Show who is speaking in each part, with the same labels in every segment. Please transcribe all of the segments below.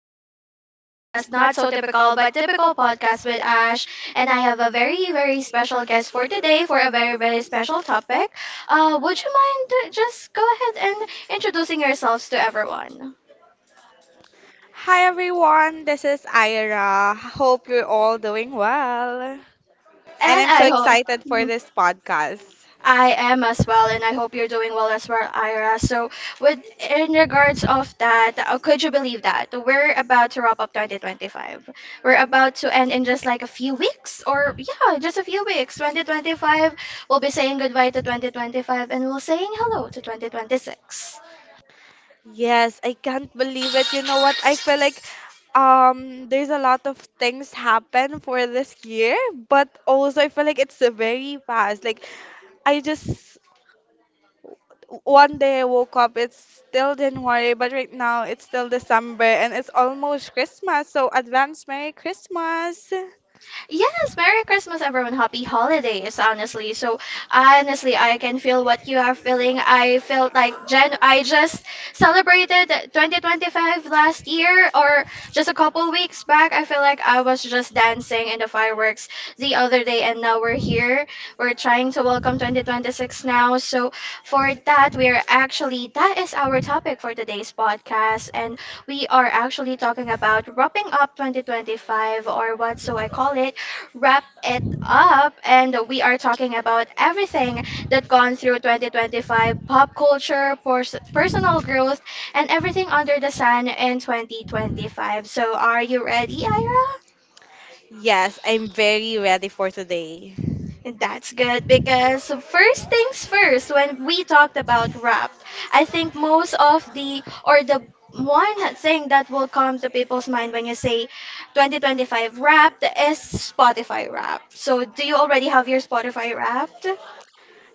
Speaker 1: back to our podcast, Not So Typical, but Typical Podcast with Ash. And I have a very, very special guest for today for a very, very special topic. Would you mind just go ahead and introducing yourselves to everyone?
Speaker 2: Hi everyone, this is Ira. Hope you're all doing well. And
Speaker 1: And
Speaker 2: I'm so
Speaker 1: I
Speaker 2: excited for
Speaker 1: hope.
Speaker 2: this podcast.
Speaker 1: I am as well, and I hope you're doing well as well, Ira. So, with in regards of that, could you believe that we're about to wrap up 2025? We're about to end in just like a few weeks, or yeah, just a few weeks. 2025, we'll be saying goodbye to 2025, and we'll saying hello to 2026.
Speaker 2: Yes, I can't believe it. You know what? I feel like there's a lot of things happen for this year, but also I feel like it's very fast. Like I just One day I woke up, it's still January, but right now it's still December and it's almost Christmas. So advance Merry Christmas.
Speaker 1: Yes, Merry Christmas, everyone. Happy holidays, honestly. So, honestly, I can feel what you are feeling. I felt like Jan I just celebrated 2025 last year or just a couple weeks back. I feel like I was just dancing in the fireworks the other day and now we're here. We're trying to welcome 2026 now. So, for that, we are actually that is our topic for today's podcast, and we are actually talking about wrapping up 2025, or what so I call it, wrap it up. And we are talking about everything that gone through 2025, pop culture, personal growth, and everything under the sun in 2025. So are you ready, Ira?
Speaker 2: Yes, I'm very ready for today.
Speaker 1: That's good, because first things first, when we talked about rap, I think most of the one thing that will come to people's mind when you say 2025 wrapped is Spotify Wrapped. So do you already have your Spotify Wrapped?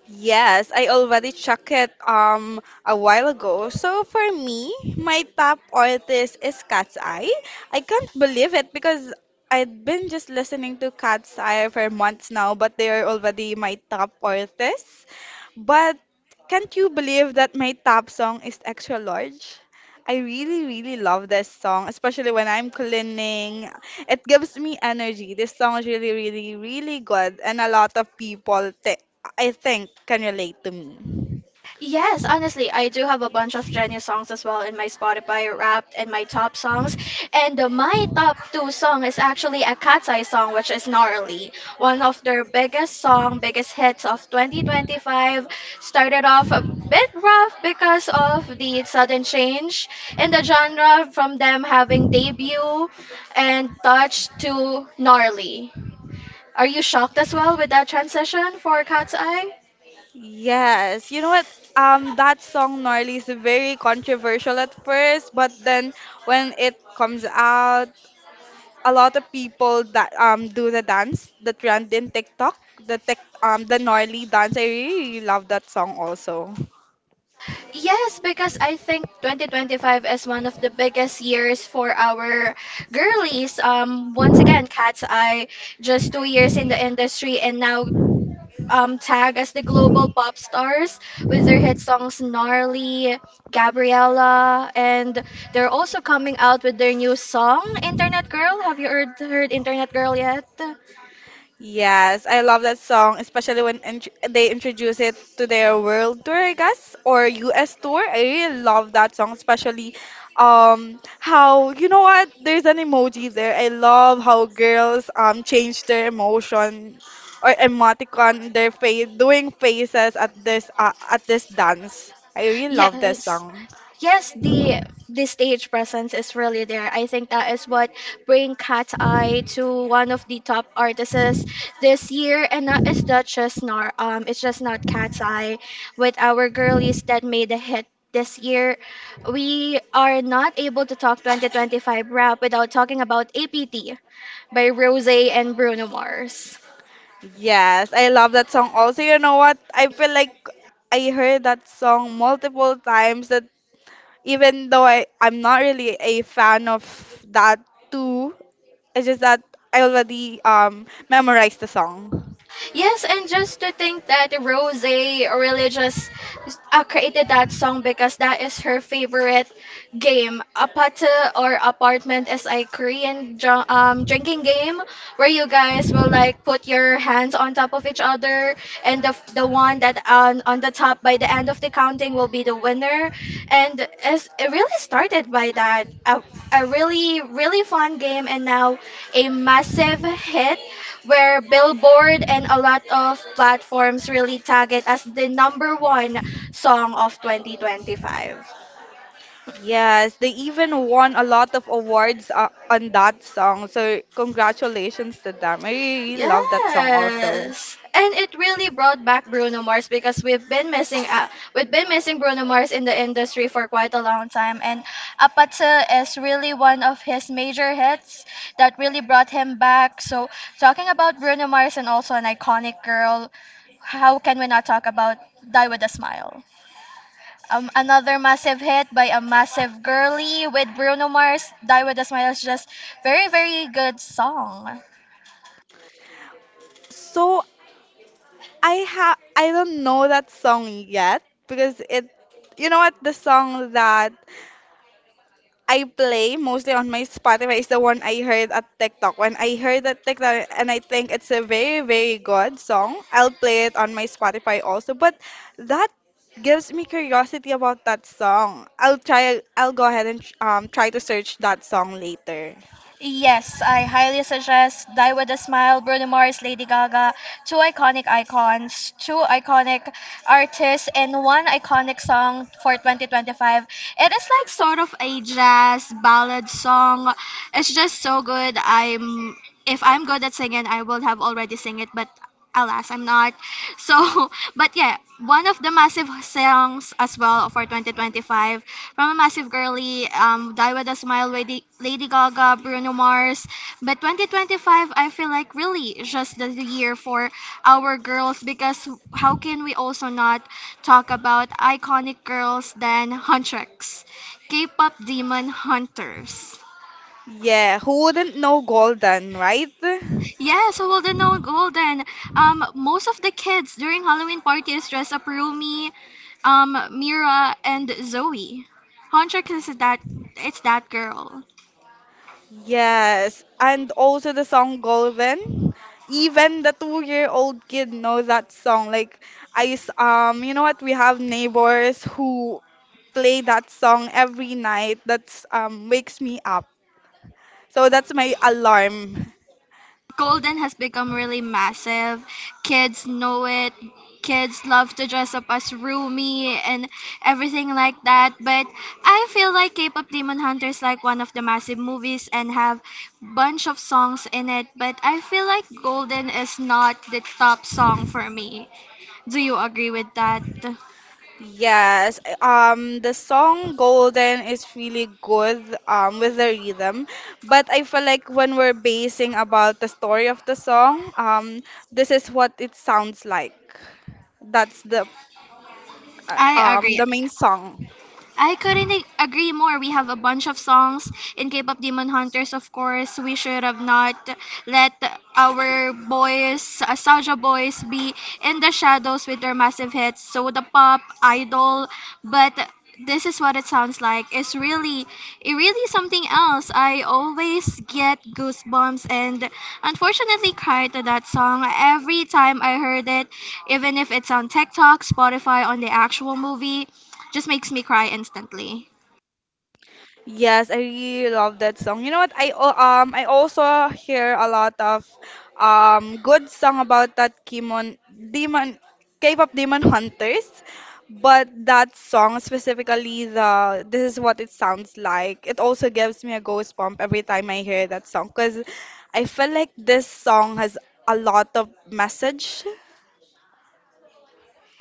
Speaker 2: Yes, I already checked it a while ago. So for me, my top artist is Cat's Eye. I can't believe it because I've been just listening to Cat's Eye for months now, but they are already my top artists. But can't you believe that my top song is Extra Large? I really, really love this song, especially when I'm cleaning. It gives me energy. This song is really, really, really good, and a lot of people I think can relate to me.
Speaker 1: Yes, honestly, I do have a bunch of Jenny songs as well in my Spotify Wrapped and my top songs. And my top two song is actually a Cat's Eye song, which is Gnarly. One of their biggest song, biggest hits of 2025. Started off a bit rough because of the sudden change in the genre from them having debut and touch to Gnarly. Are you shocked as well with that transition for Cat's Eye?
Speaker 2: Yes, you know what? That song Gnarly is very controversial at first, but then when it comes out, a lot of people that do the dance, the trend in TikTok, the Gnarly dance. I really, really love that song also.
Speaker 1: Yes, because I think 2025 is one of the biggest years for our girlies. Once again, Cat's Eye, just 2 years in the industry, and now tagged as the global pop stars with their hit songs Gnarly, Gabriella, and they're also coming out with their new song, Internet Girl. Have you heard Internet Girl yet?
Speaker 2: Yes, I love that song, especially when int they introduce it to their world tour, I guess, or US tour. I really love that song, especially how you know what? There's an emoji there. I love how girls change their emotion or emoticon their face, doing faces at this dance. I really love that
Speaker 1: Yes.
Speaker 2: song.
Speaker 1: yes, the the stage presence is really there. I think that is what bring Cat Eye to one of the top artists this year, and that is not just nor it's just not Cat's Eye with our girlies that made a hit. This year, we are not able to talk 2025 rap without talking about APT by Rosé and Bruno Mars.
Speaker 2: Yes, I love that song also. You know what? I feel like I heard that song multiple times that even though I'm not really a fan of that too, it's just that I already memorized the song.
Speaker 1: Yes, and just to think that Rose really just created that song because that is her favorite, game. Apate or apartment is a Korean drinking game where you guys will like put your hands on top of each other, and the one that on the top by the end of the counting will be the winner. And it really started by a really really fun game, and now a massive hit where Billboard and a lot of platforms really tag it as the number one song of 2025.
Speaker 2: Yes, they even won a lot of awards on that song. So congratulations to them. I really love that song also.
Speaker 1: Yes. And it really brought back Bruno Mars, because we've been missing Bruno Mars in the industry for quite a long time, and Apatse is really one of his major hits that really brought him back. So talking about Bruno Mars and also an iconic girl, how can we not talk about Die with a Smile? Another massive hit by a massive girly with Bruno Mars. Die with a Smile is just very very good song.
Speaker 2: So I don't know that song yet because it you know what, the song that I play mostly on my Spotify is the one I heard at TikTok. When I heard that TikTok and I think it's a very, very good song, I'll play it on my Spotify also. But that gives me curiosity about that song. I'll go ahead and try to search that song later.
Speaker 1: Yes, I highly suggest Die With A Smile, Bruno Mars, Lady Gaga, two iconic icons, two iconic artists, and one iconic song for 2025. It is like sort of a jazz ballad song. It's just so good. I'm If I'm good at singing, I will have already sing it, but alas, I'm not. So, but yeah, one of the massive songs as well for 2025, from a massive girly, Die With A Smile, Lady Gaga, Bruno Mars. But 2025, I feel like really just the year for our girls, because how can we also not talk about iconic girls than Huntress, K-pop demon hunters.
Speaker 2: Yeah, who wouldn't know Golden, right?
Speaker 1: Yes, well, the known golden. Most of the kids during Halloween party is dressed up Rumi, Mira, and Zoe. Honchak is that it's that girl.
Speaker 2: Yes, and also the song Golden. Even the two-year-old kid know that song. Like you know what, we have neighbors who play that song every night. That's wakes me up. So that's my alarm.
Speaker 1: Golden has become really massive. Kids know it. Kids love to dress up as Rumi and everything like that. But I feel like K-pop Demon Hunter is like one of the massive movies and have bunch of songs in it. But I feel like Golden is not the top song for me. Do you agree with that?
Speaker 2: Yes, the song Golden is really good with the rhythm, but I feel like when we're basing about the story of the song, this is what it sounds like. That's
Speaker 1: I agree.
Speaker 2: the main song.
Speaker 1: I couldn't agree more. We have a bunch of songs in K-pop Demon Hunters, of course. We should have not let our boys, Saja boys, be in the shadows with their massive hits, Soda Pop, Idol. But this is what it sounds like. It really something else. I always get goosebumps and unfortunately cry to that song every time I heard it, even if it's on TikTok, Spotify, on the actual movie just makes me cry instantly.
Speaker 2: Yes, I really love that song. You know what? I also hear a lot of good song about that Kimon Demon K-pop Demon Hunters, but that song specifically, the this is what it sounds like. It also gives me a goose bump every time I hear that song because I feel like this song has a lot of message.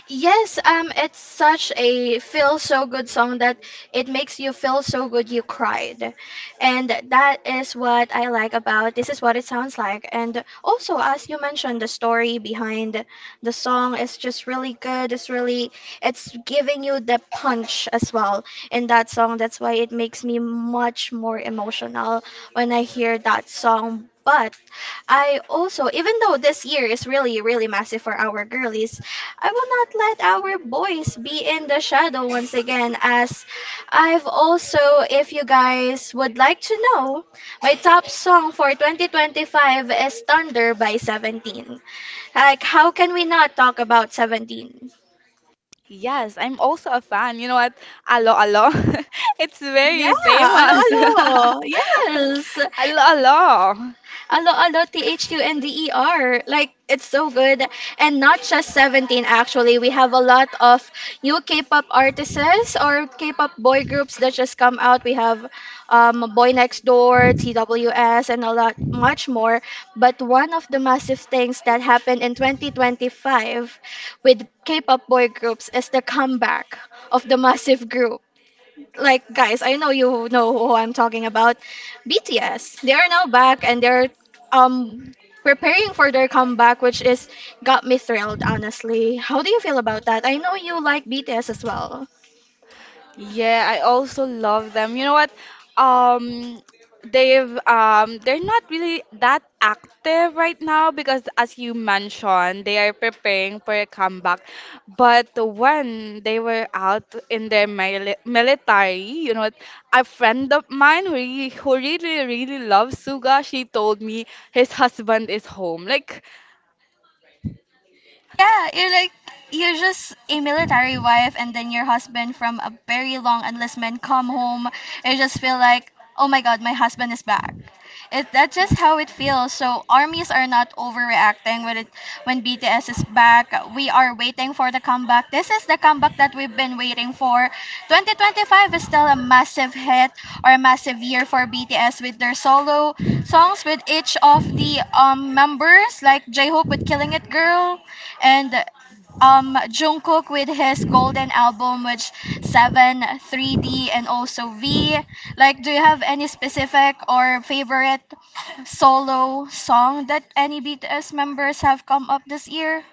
Speaker 1: Yes, it's such a feel so good song that it makes you feel so good you cried. And that is what I like about this is what it sounds like. And also, as you mentioned, the story behind the song is just really good. It's giving you the punch as well in that song. That's why it makes me much more emotional when I hear that song. But I also, even though this year is really, really massive for our girlies, I will not let our boys be in the shadow once again. If you guys would like to know, my top song for 2025 is Thunder by 17. Like, how can we not talk about 17?
Speaker 2: Yes, I'm also a fan. You know what? Alo Alo. It's very
Speaker 1: Yeah, alo
Speaker 2: famous.
Speaker 1: alo. Yes.
Speaker 2: Alo Alo.
Speaker 1: Alo Alo Thunder. Like it's so good. And not just 17 actually. We have a lot of new K-pop artists or K-pop boy groups that just come out. We have Boy Next Door, TWS, and a lot much more. But one of the massive things that happened in 2025 with K-pop boy groups is the comeback of the massive group. Like guys, I know you know who I'm talking about. BTS. They are now back, and they're um preparing for their comeback, which is got me thrilled, honestly. How do you feel about that? I know you like BTS as well.
Speaker 2: Yeah, I also love them. You know what? Um, they're not really that active right now because, as you mentioned, they are preparing for a comeback. But when they were out in their military, you know, a friend of mine who really, really loves Suga, she told me his husband is home. Like,
Speaker 1: Yeah, you're like you're just a military wife, and then your husband from a very long enlistment come home. You just feel like, oh my god, my husband is back. It That's just how it feels. So armies are not overreacting when BTS is back. We are waiting for the comeback. This is the comeback that we've been waiting for. 2025 is still a massive hit or a massive year for BTS, with their solo songs with each of the members, like J-Hope with Killing It Girl, and Jungkook with his Golden album, which Seven, 3D, and also V. Like, do you have any specific or favorite solo song that any BTS members have come up this year?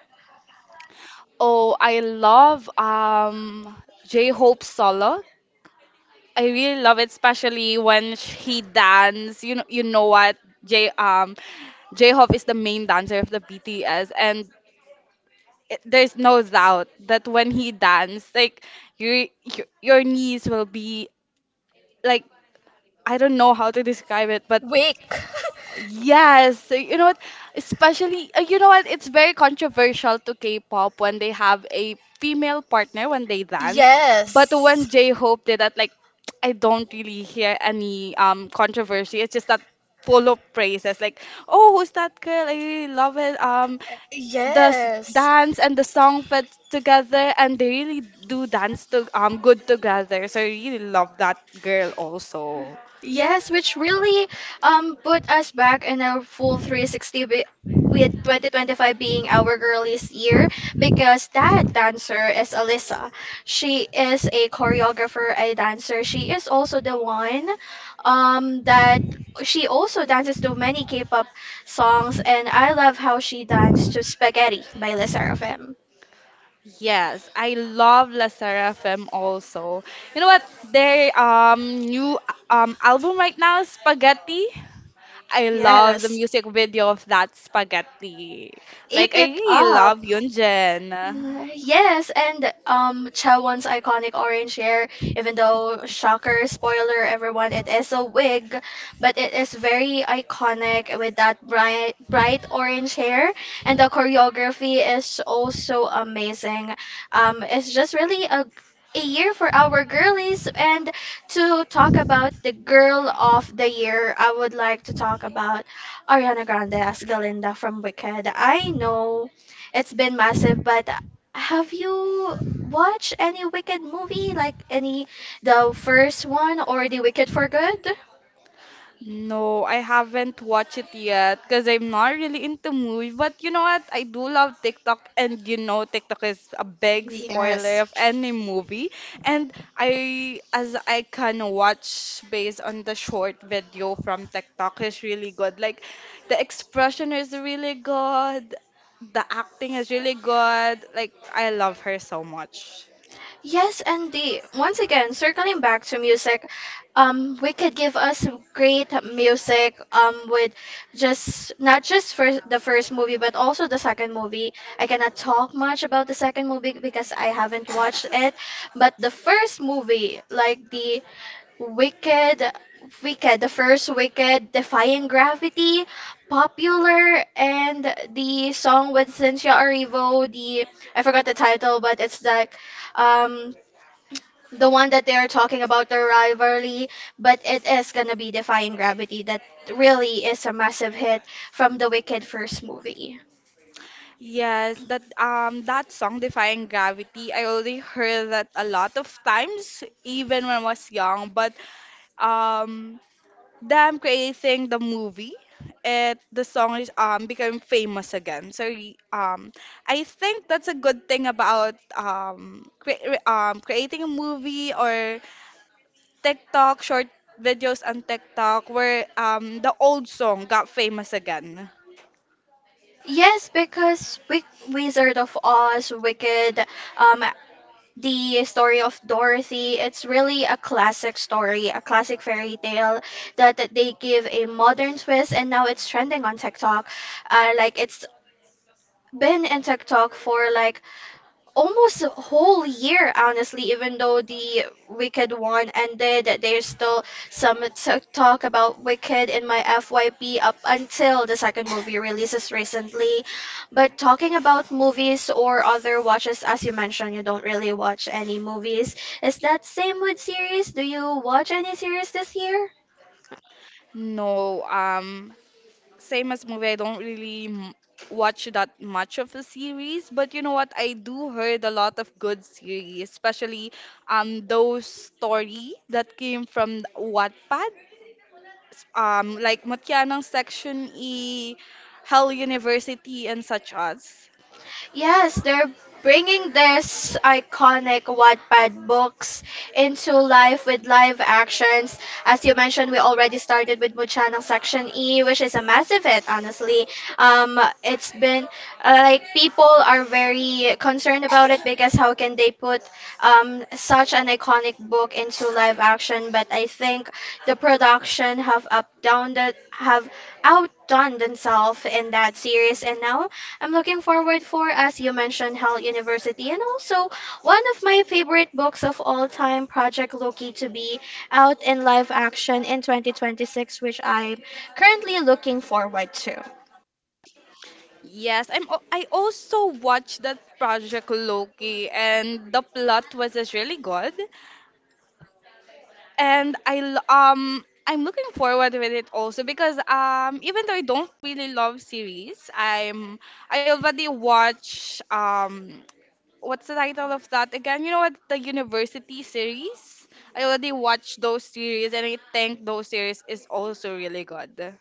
Speaker 2: oh, I love J-Hope solo. I really love it, especially when he dance. You know what? J J-Hope is the main dancer of the BTS, and it, there's no doubt that when he dance, like your knees will be like, I don't know how to describe it, but
Speaker 1: Wake.
Speaker 2: yes, so you know what? Especially, you know what? It's very controversial to K-pop when they have a female partner when they dance. But when
Speaker 1: Yes.
Speaker 2: J-Hope did that, like, I don't really hear any controversy. It's just that full of praises, like, oh, who's that girl? I really love it. The
Speaker 1: Yes.
Speaker 2: dance and the song fit together, and they really do dance to good together. So I really love that girl also.
Speaker 1: Yes, which really put us back in a full 360 with 2025 being our girliest year, because that dancer is Alyssa. She is a choreographer, a dancer. She is also the one that she also dances to many K-pop songs, and I love how she danced to Spaghetti by Le Sserafim.
Speaker 2: Yes, I love La Seraphim also. You know what? Their new album right now, Spaghetti. I love the
Speaker 1: Yes.
Speaker 2: music video of that Spaghetti. Like
Speaker 1: Eat
Speaker 2: I
Speaker 1: it
Speaker 2: really
Speaker 1: up.
Speaker 2: love Yunjin.
Speaker 1: Yes, and Chawan's iconic orange hair, even though shocker, spoiler everyone, it is a wig, but it is very iconic with that bright bright orange hair, and the choreography is also amazing. It's just really a year for our girlies. And to talk about the girl of the year, I would like to talk about Ariana Grande as Galinda from Wicked. I know it's been massive, but have you watched any Wicked movie? Like any, the first one or The Wicked for Good?
Speaker 2: No, I haven't watched it yet because I'm not really into movie. But you know what? I do love TikTok, and you know TikTok is a big spoiler
Speaker 1: Yes.
Speaker 2: of any movie. And as I can watch based on the short video from TikTok, is really good. Like the expression is really good, the acting is really good. Like I love her so much.
Speaker 1: Yes, and the once again circling back to music, we could give us great music with just not just for the first movie but also the second movie. I cannot talk much about the second movie because I haven't watched it, but the first movie, like the Wicked, Wicked, the first Wicked, Defying Gravity, Popular, and the song with Cynthia Erivo, the... I forgot the title, but it's like um the one that they're talking about the rivalry, but it is gonna be Defying Gravity that really is a massive hit from the Wicked first movie.
Speaker 2: Yes, that that song Defying Gravity, I already heard that a lot of times, even when I was young, but um them creating the movie, it the song is became famous again, so I think that's a good thing about creating a movie or TikTok short videos on TikTok where the old song got famous again.
Speaker 1: Yes, because Wizard of Oz, Wicked, um the story of Dorothy, it's really a classic story, a classic fairy tale that, they give a modern twist and now it's trending on TikTok. Like it's been in TikTok for like almost a whole year. Honestly, even though the Wicked one ended, there's still some talk about Wicked in my FYP up until the second movie releases recently. But talking about movies or other watches, as you mentioned, you don't really watch any movies. Is that same with series? Do you watch any series this year?
Speaker 2: No, same as movie, I don't really watch that much of the series, but you know what? I do heard a lot of good series, especially those story that came from Wattpad, like Matianang Section E, Hell University, and such as.
Speaker 1: Yes, they're bringing this iconic Wattpad books into life with live actions. As you mentioned, we already started with Muchanang Section E, which is a massive hit, honestly. It's been like, people are very concerned about it because how can they put such an iconic book into live action? But I think the production have up down the have outdone themselves in that series, and now I'm looking forward for, as you mentioned, Hell University, and also one of my favorite books of all time, Project Loki, to be out in live action in 2026, which I'm currently looking forward to.
Speaker 2: Yes, I also watched that Project Loki, and the plot was just really good. And I'm looking forward with it also because even though I don't really love series, I'm, I already watch, what's the title of that again? You know what, the university series? I already watched those series and I think those series is also really good.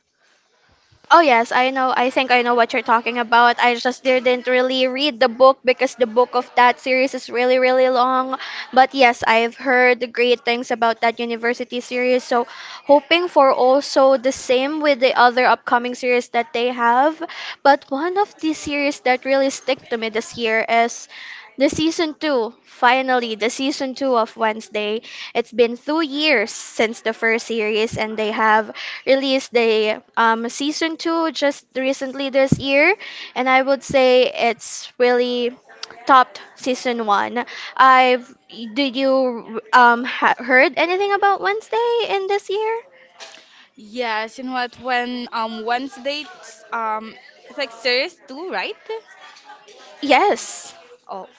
Speaker 1: Oh yes, I know. I think I know what you're talking about. I just didn't really read the book because the book of that series is really, really long. But yes, I've heard great things about that university series, so hoping for also the same with the other upcoming series that they have. But one of the series that really stick to me this year is the season two. Finally, the season two of Wednesday. It's been 2 years since the first series, and they have released the season two just recently this year, and I would say it's really topped season one. I've Did you heard anything about Wednesday in this year?
Speaker 2: Yes, you know what, when Wednesday, um it's like series two, right?
Speaker 1: Yes.
Speaker 2: Oh,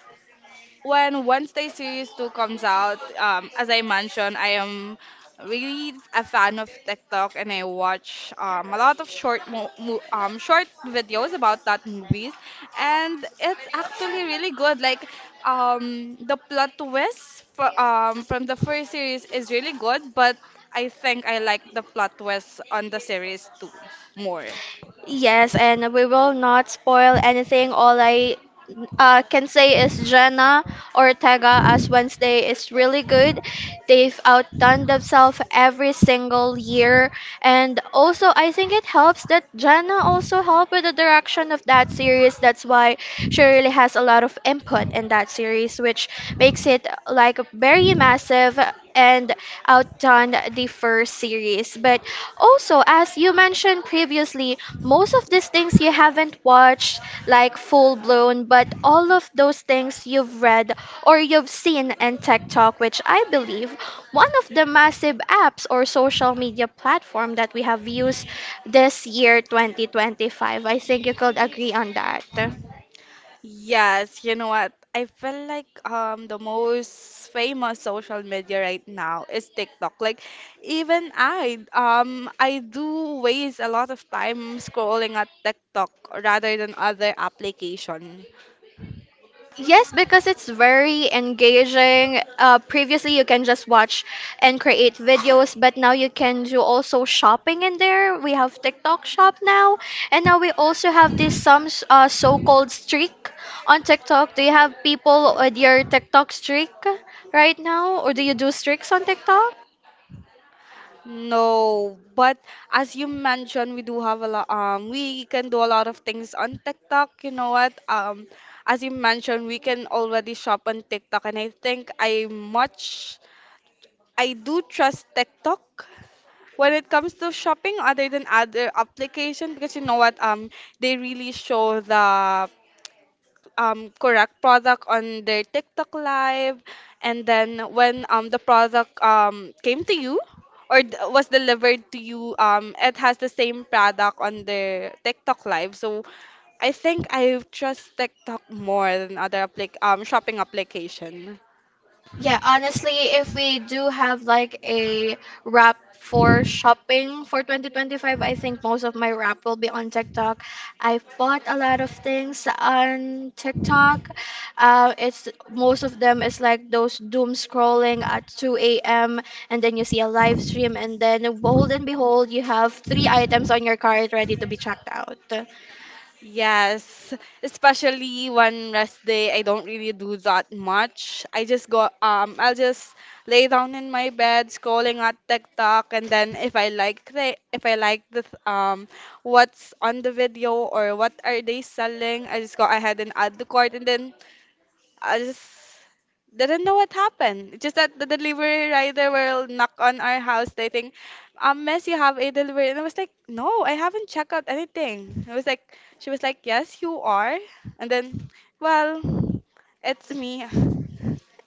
Speaker 2: when Wednesday Series 2 comes out, as I mentioned, I am really a fan of TikTok and I watch a lot of short videos about that movies and it's actually really good, like, the plot twist from the first series is really good but I think I like the plot twist on the series 2 more.
Speaker 1: Yes, and we will not spoil anything. All I can say is Jenna Ortega as Wednesday is really good. They've outdone themselves every single year. And also, I think it helps that Jenna also helped with the direction of that series. That's why she really has a lot of input in that series, which makes it like very massive and outdone the first series. But also, as you mentioned previously, most of these things you haven't watched like full blown, but all of those things you've read or you've seen in TikTok, which I believe one of the massive apps or social media platform that we have used this year 2025. I think you could agree on that.
Speaker 2: Yes, you know what? I feel like the most famous social media right now is TikTok. Like even I do waste a lot of time scrolling at TikTok rather than other application.
Speaker 1: Yes, because it's very engaging. Previously, you can just watch and create videos, but now you can do also shopping in there. We have TikTok shop now, and now we also have this some so-called streak on TikTok. Do you have people with your TikTok streak right now, or do you do streaks on TikTok?
Speaker 2: No, but as you mentioned, we do have a lot we can do a lot of things on TikTok. You know what? As you mentioned, we can already shop on TikTok and I think I much I do trust TikTok when it comes to shopping other than other application because you know what they really show the correct product on their TikTok live and then when the product came to you or was delivered to you, it has the same product on their TikTok live, so I think I trust TikTok more than other applic shopping application.
Speaker 1: Yeah, honestly, if we do have like a wrap for shopping for 2025, I think most of my wrap will be on TikTok. I've bought a lot of things on TikTok. It's most of them is like those doom scrolling at 2 a.m., and then you see a live stream and then behold and behold, you have three items on your cart ready to be checked out.
Speaker 2: Yes, especially one rest day, I don't really do that much. I just go, I'll just lay down in my bed, scrolling at TikTok, and then if I like the, if I like the, th- what's on the video or what are they selling, I just go ahead and add the cart, and then I just didn't know what happened. Just that the delivery rider will knock on our house. They think, miss, you have a delivery. And I was like, no, I haven't checked out anything. I was like, she was like, yes, you are. And then, well, it's me.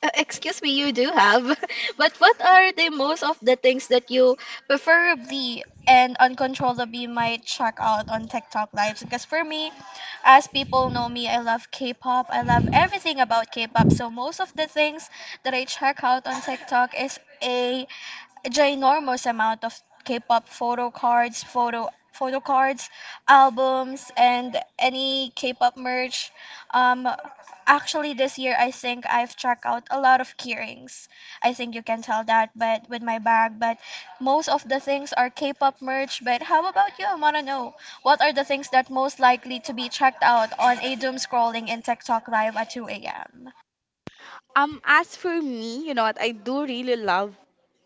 Speaker 1: Excuse me, you do have. But what are the most of the things that you preferably and uncontrollably might check out on TikTok lives? Because for me, as people know me, I love K-pop. I love everything about K-pop. So most of the things that I check out on TikTok is a ginormous amount of K-pop photo cards, photo cards, albums, and any K-pop merch. Um, Actually, this year I think I've checked out a lot of keyrings. I think you can tell that, but with my bag, but most of the things are K-pop merch. But how about you? I wanna know what are the things that most likely to be checked out on a doom scrolling in TikTok live at 2 a.m.
Speaker 2: As for me, you know what? I do really love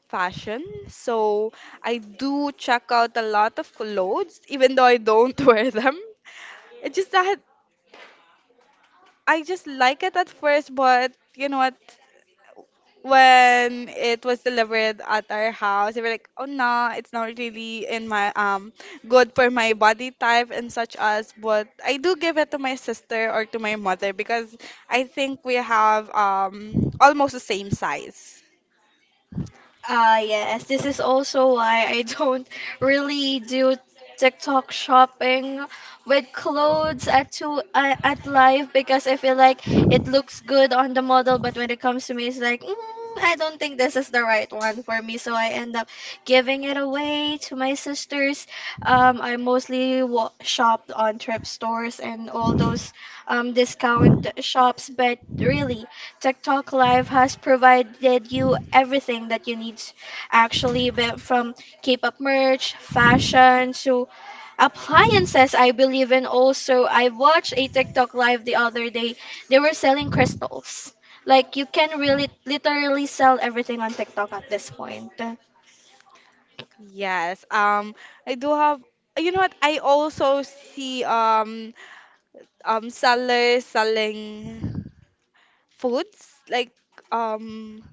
Speaker 2: fashion. So I do check out a lot of clothes, even though I don't wear them. It's just that I just like it at first, but you know what? When it was delivered at our house, they were like, "Oh no, it's not really in my good for my body type and such as." But I do give it to my sister or to my mother because I think we have almost the same size.
Speaker 1: Ah, yes. This is also why I don't really do TikTok shopping with clothes at two at live because I feel like it looks good on the model, but when it comes to me, it's like, mm, I don't think this is the right one for me. So I end up giving it away to my sisters. I mostly wa shopped on thrift stores and all those discount shops, but really. TikTok Live has provided you everything that you need, actually, but from K-pop merch, fashion to appliances. I believe in also. I watched a TikTok Live the other day. They were selling crystals. Like you can really literally sell everything on TikTok at this point.
Speaker 2: Yes. I do have. You know what? I also see sellers selling foods like um.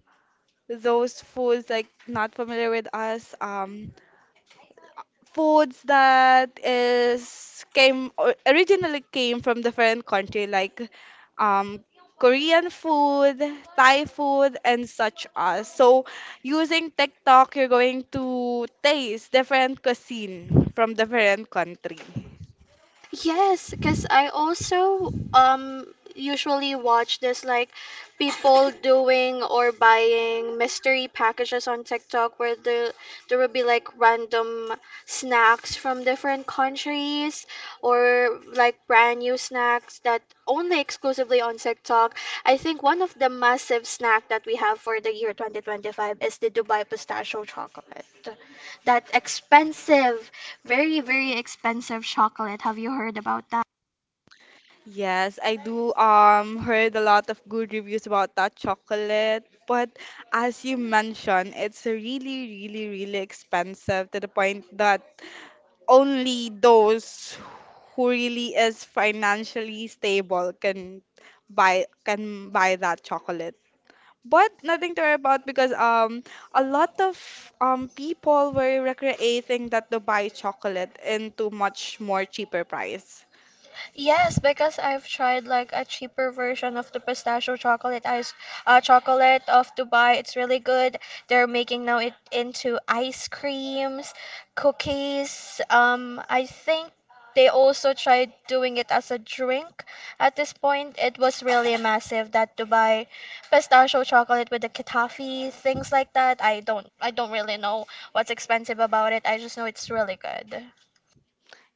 Speaker 2: those foods like not familiar with us, foods that is came originally came from different country like um Korean food, Thai food, and such as. So, using TikTok, you're going to taste different cuisine from different country.
Speaker 1: Yes, because I also usually watch this like people doing or buying mystery packages on TikTok where there will be like random snacks from different countries or like brand new snacks that only exclusively on TikTok. I think one of the massive snack that we have for the year 2025 is the Dubai pistachio chocolate. That expensive, very, very expensive chocolate. Have you heard about that?
Speaker 2: Yes, I do heard a lot of good reviews about that chocolate, but as you mentioned, it's really, really, really expensive to the point that only those who really is financially stable can buy that chocolate. But nothing to worry about because a lot of people were recreating that Dubai chocolate into much more cheaper price.
Speaker 1: Yes, because I've tried like a cheaper version of the pistachio chocolate ice chocolate of Dubai. It's really good. They're making now it into ice creams, cookies. I think they also tried doing it as a drink. At this point, it was really massive that Dubai pistachio chocolate with the katafi, things like that. I don't really know what's expensive about it. I just know it's really good.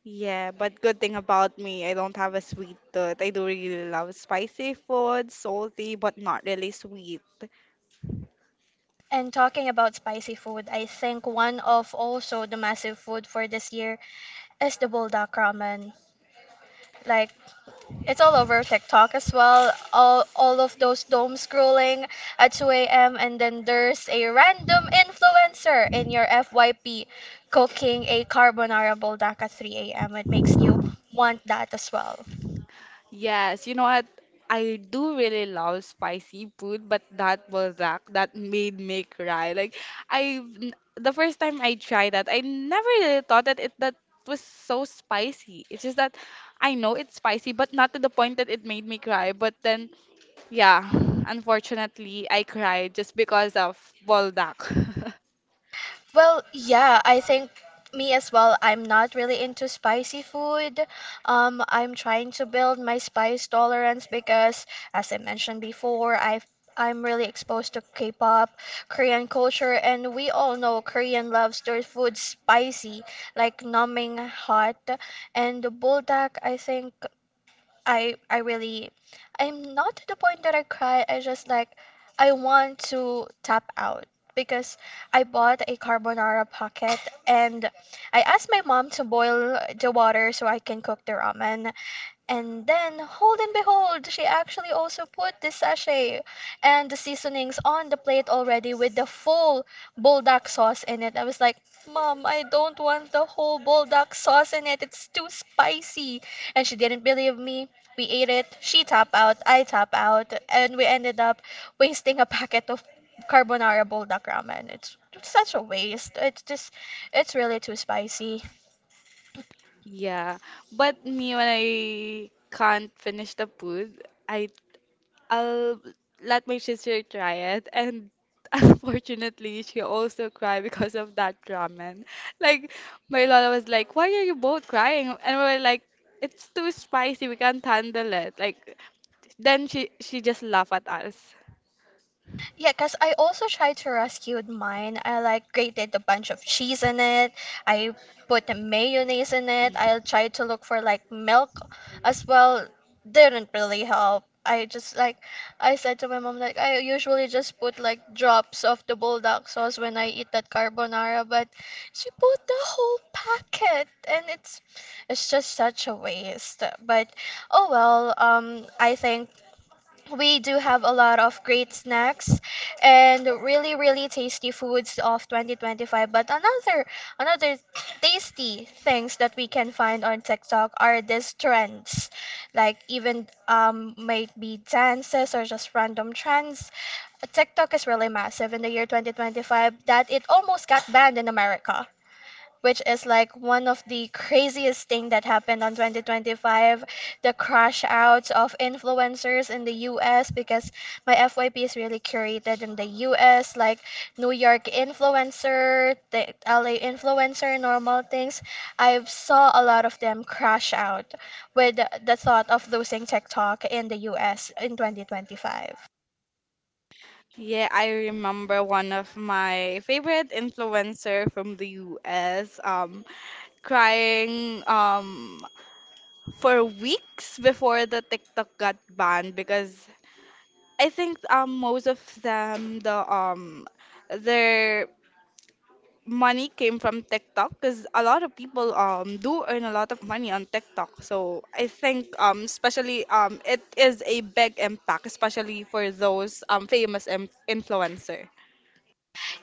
Speaker 2: Yeah, but good thing about me, I don't have a sweet tooth. I do really love spicy food, salty, but not really sweet.
Speaker 1: And talking about spicy food, I think one of also the massive food for this year is the buldak ramen. Like it's all over TikTok as well. All of those dome scrolling at 2 a.m., and then there's a random influencer in your FYP cooking a carbonara buldak at 3 a.m. It makes you want that as well.
Speaker 2: Yes, you know what? I do really love spicy food, but that balzac that made me cry. Like I, the first time I tried that, I never really thought that it that was so spicy. It's just that I know it's spicy, but not to the point that it made me cry. But then, yeah, unfortunately, I cried just because of balzac.
Speaker 1: Well, yeah, I think me as well. I'm not really into spicy food. I'm trying to build my spice tolerance because, as I mentioned before, I'm really exposed to K-pop, Korean culture, and we all know Korean loves their food spicy, like numbing hot. And the buldak, I think I really... I'm not to the point that I cry. I just like I want to tap out because I bought a carbonara pocket, and I asked my mom to boil the water so I can cook the ramen, and then, hold and behold, she actually also put the sachet and the seasonings on the plate already with the full buldak sauce in it. I was like, Mom, I don't want the whole buldak sauce in it. It's too spicy. And she didn't believe me. We ate it. She tap out. I tap out. And we ended up wasting a packet of carbonara buldak ramen. It's such a waste. It's just, it's really too spicy.
Speaker 2: Yeah, but me when I can't finish the food, I I'll let my sister try it, and unfortunately, she also cried because of that ramen. Like my lola was like, "Why are you both crying?" And we were like, "It's too spicy. We can't handle it." Like then she just laughed at us.
Speaker 1: Yeah, because I also tried to rescue mine. I like grated a bunch of cheese in it. I put the mayonnaise in it. I tried to look for like milk as well. Didn't really help. I just like I said to my mom like I usually just put like drops of the bulldog sauce when I eat that carbonara, but she put the whole packet and it's just such a waste. But oh well, I think we do have a lot of great snacks and really really tasty foods of 2025, but another tasty things that we can find on TikTok are these trends, like even might be dances or just random trends. TikTok is really massive in the year 2025 that it almost got banned in America, which is like one of the craziest thing that happened on 2025, the crash outs of influencers in the US, because my FYP is really curated in the US, like New York influencer, the LA influencer, normal things. I saw a lot of them crash out with the thought of losing TikTok in the US in 2025.
Speaker 2: Yeah, I remember one of my favorite influencer from the US. Crying. For weeks before the TikTok got banned because I think most of them the their money came from TikTok because a lot of people do earn a lot of money on TikTok. So I think especially it is a big impact especially for those famous influencer.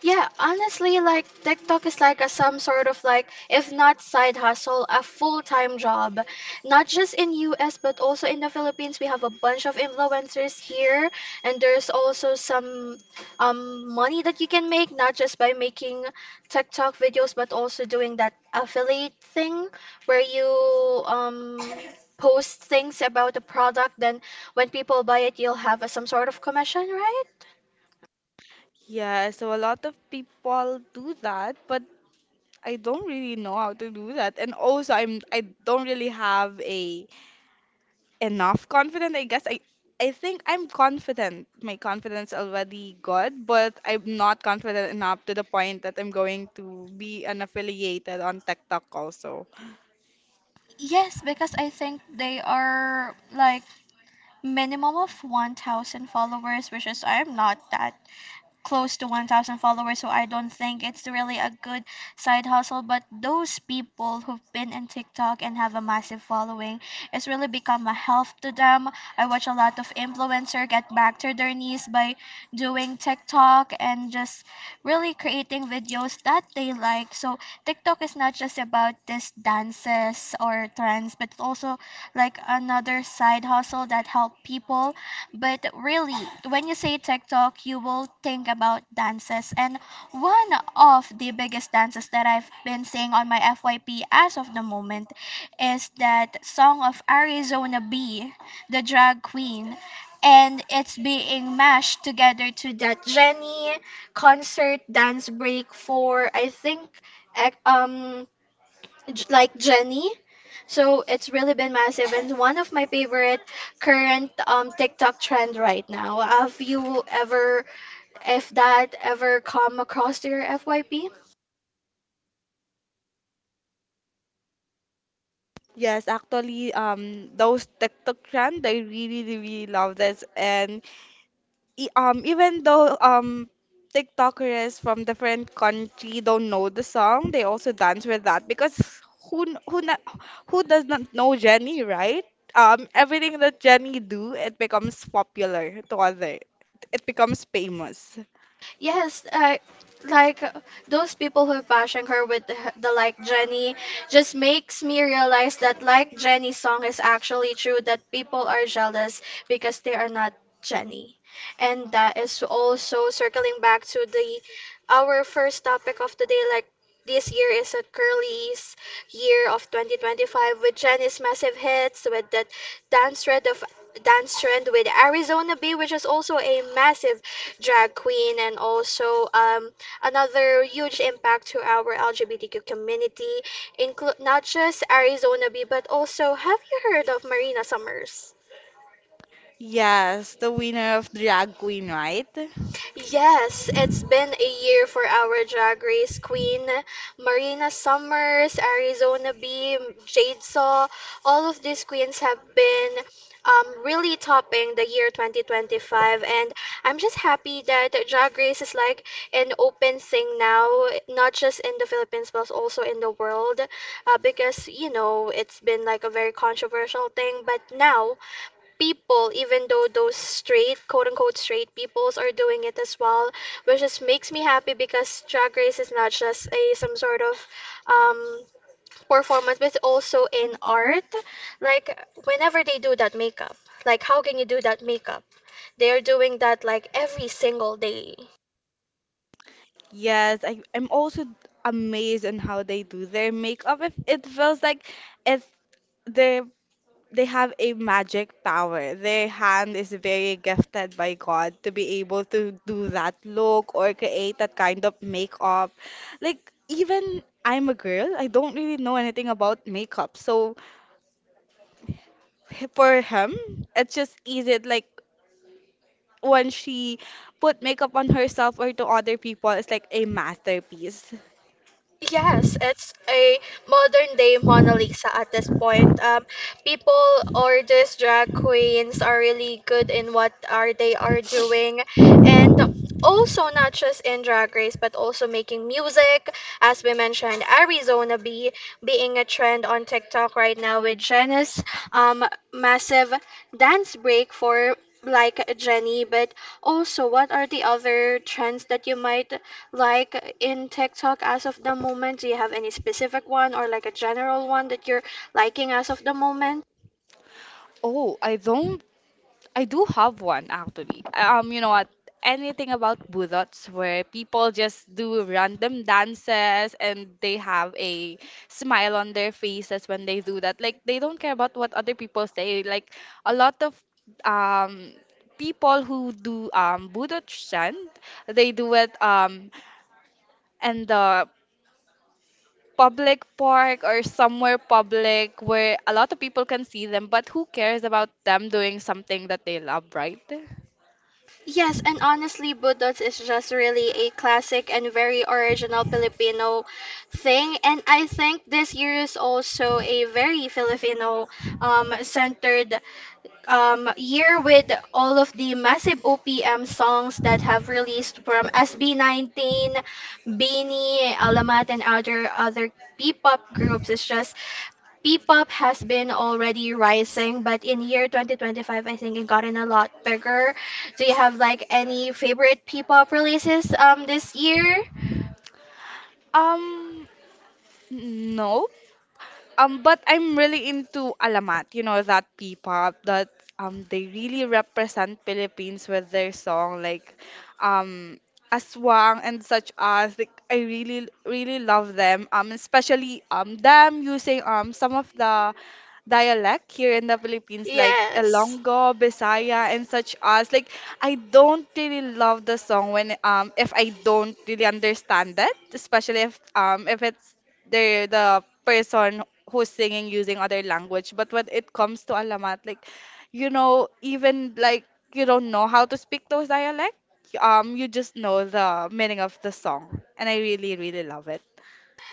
Speaker 1: Yeah, honestly, like TikTok is like a some sort of like, if not side hustle, a full-time job. Not just in US, but also in the Philippines, we have a bunch of influencers here, and there's also some money that you can make, not just by making TikTok videos, but also doing that affiliate thing where you um post things about the product, then when people buy it, you'll have a, some sort of commission, right?
Speaker 2: Yeah, so a lot of people do that, but I don't really know how to do that. And also I don't really have a enough confident, I guess. I think I'm confident. My confidence already good, but I'm not confident enough to the point that I'm going to be unaffiliated on TikTok also.
Speaker 1: Yes, because I think they are like minimum of 1,000 followers, which is I am not that close to 1,000 followers, so I don't think it's really a good side hustle. But those people who've been in TikTok and have a massive following, it's really become a help to them. I watch a lot of influencer get back to their knees by doing TikTok and just really creating videos that they like. So TikTok is not just about these dances or trends, but it's also like another side hustle that help people. But really, when you say TikTok, you will think about dances. And one of the biggest dances that I've been seeing on my FYP as of the moment is that song of Arizona B, the drag queen. And it's being mashed together to that Jenny concert dance break for, I think, ec- um, like Jenny. So it's really been massive and one of my favorite current TikTok trend right now. Have you ever, if that ever come across to your FYP?
Speaker 2: Yes, actually, those TikTok trend, I really, really love this, and even though TikTokers from different country don't know the song, they also dance with that because who kn- who na, who does not know Jenny, right? Everything that Jenny do, it becomes popular to other. It becomes famous.
Speaker 1: Yes, like those people who are bashing her with the like Jenny just makes me realize that like Jenny song is actually true that people are jealous because they are not Jenny. And that is also circling back to the our first topic of the day, like this year is a girlies year of 2025 with Jenny's massive hits with that dance trend of dance trend with Arizona B, which is also a massive drag queen, and also another huge impact to our LGBTQ community, include not just Arizona B, but also have you heard of Marina Summers?
Speaker 2: Yes, the winner of Drag Queen, right?
Speaker 1: Yes, it's been a year for our drag race queen, Marina Summers, Arizona B, Jade Saw. All of these queens have been really topping the year 2025, and I'm just happy that drag race is like an open thing now, not just in the Philippines but also in the world, because you know it's been like a very controversial thing, but now people, even though those straight, quote unquote, straight peoples are doing it as well, which just makes me happy because Drag Race is not just a some sort of um, performance, but it's also in art. Like whenever they do that makeup, like how can you do that makeup? They are doing that like every single day.
Speaker 2: Yes, I'm also amazed on how they do their makeup. If it feels like it's the they have a magic power. Their hand is very gifted by God to be able to do that look or create that kind of makeup. Like, even I'm a girl, I don't really know anything about makeup. So, for him, it's just easy. It, like, when she put makeup on herself or to other people, it's like a masterpiece.
Speaker 1: Yes, it's a modern day Mona Lisa at this point. People or these drag queens are really good in what are they are doing, and also not just in Drag Race but also making music. As we mentioned, Arizona B being a trend on TikTok right now with Jenna's um massive dance break for like Jenny, but also what are the other trends that you might like in TikTok as of the moment? Do you have any specific one or like a general one that you're liking as of the moment?
Speaker 2: Oh, I don't I do have one actually. You know what? Anything about budots where people just do random dances and they have a smile on their faces when they do that. Like they don't care about what other people say. Like a lot of um people who do budot chant, they do it in the public park or somewhere public where a lot of people can see them, but who cares about them doing something that they love, right?
Speaker 1: Yes, and honestly, Budots is just really a classic and very original Filipino thing. And I think this year is also a very Filipino centered year with all of the massive OPM songs that have released from SB19, Beanie, Alamat, and other P-pop groups. It's just P-pop has been already rising, but in year 2025, I think it gotten a lot bigger. Do you have like any favorite P-pop releases this year?
Speaker 2: Um, no. But I'm really into alamat. You know that P-pop that they really represent Philippines with their song like um Aswang and such as. Like I really really love them. Especially them using some of the dialect here in the Philippines, like
Speaker 1: Yes.
Speaker 2: Ilonggo, Bisaya, and such as. Like, I don't really love the song when if I don't really understand it, especially if it's the person who's singing using other language. But when it comes to Alamat, like, you know, even like you don't know how to speak those dialect, you just know the meaning of the song, and I really, really love it.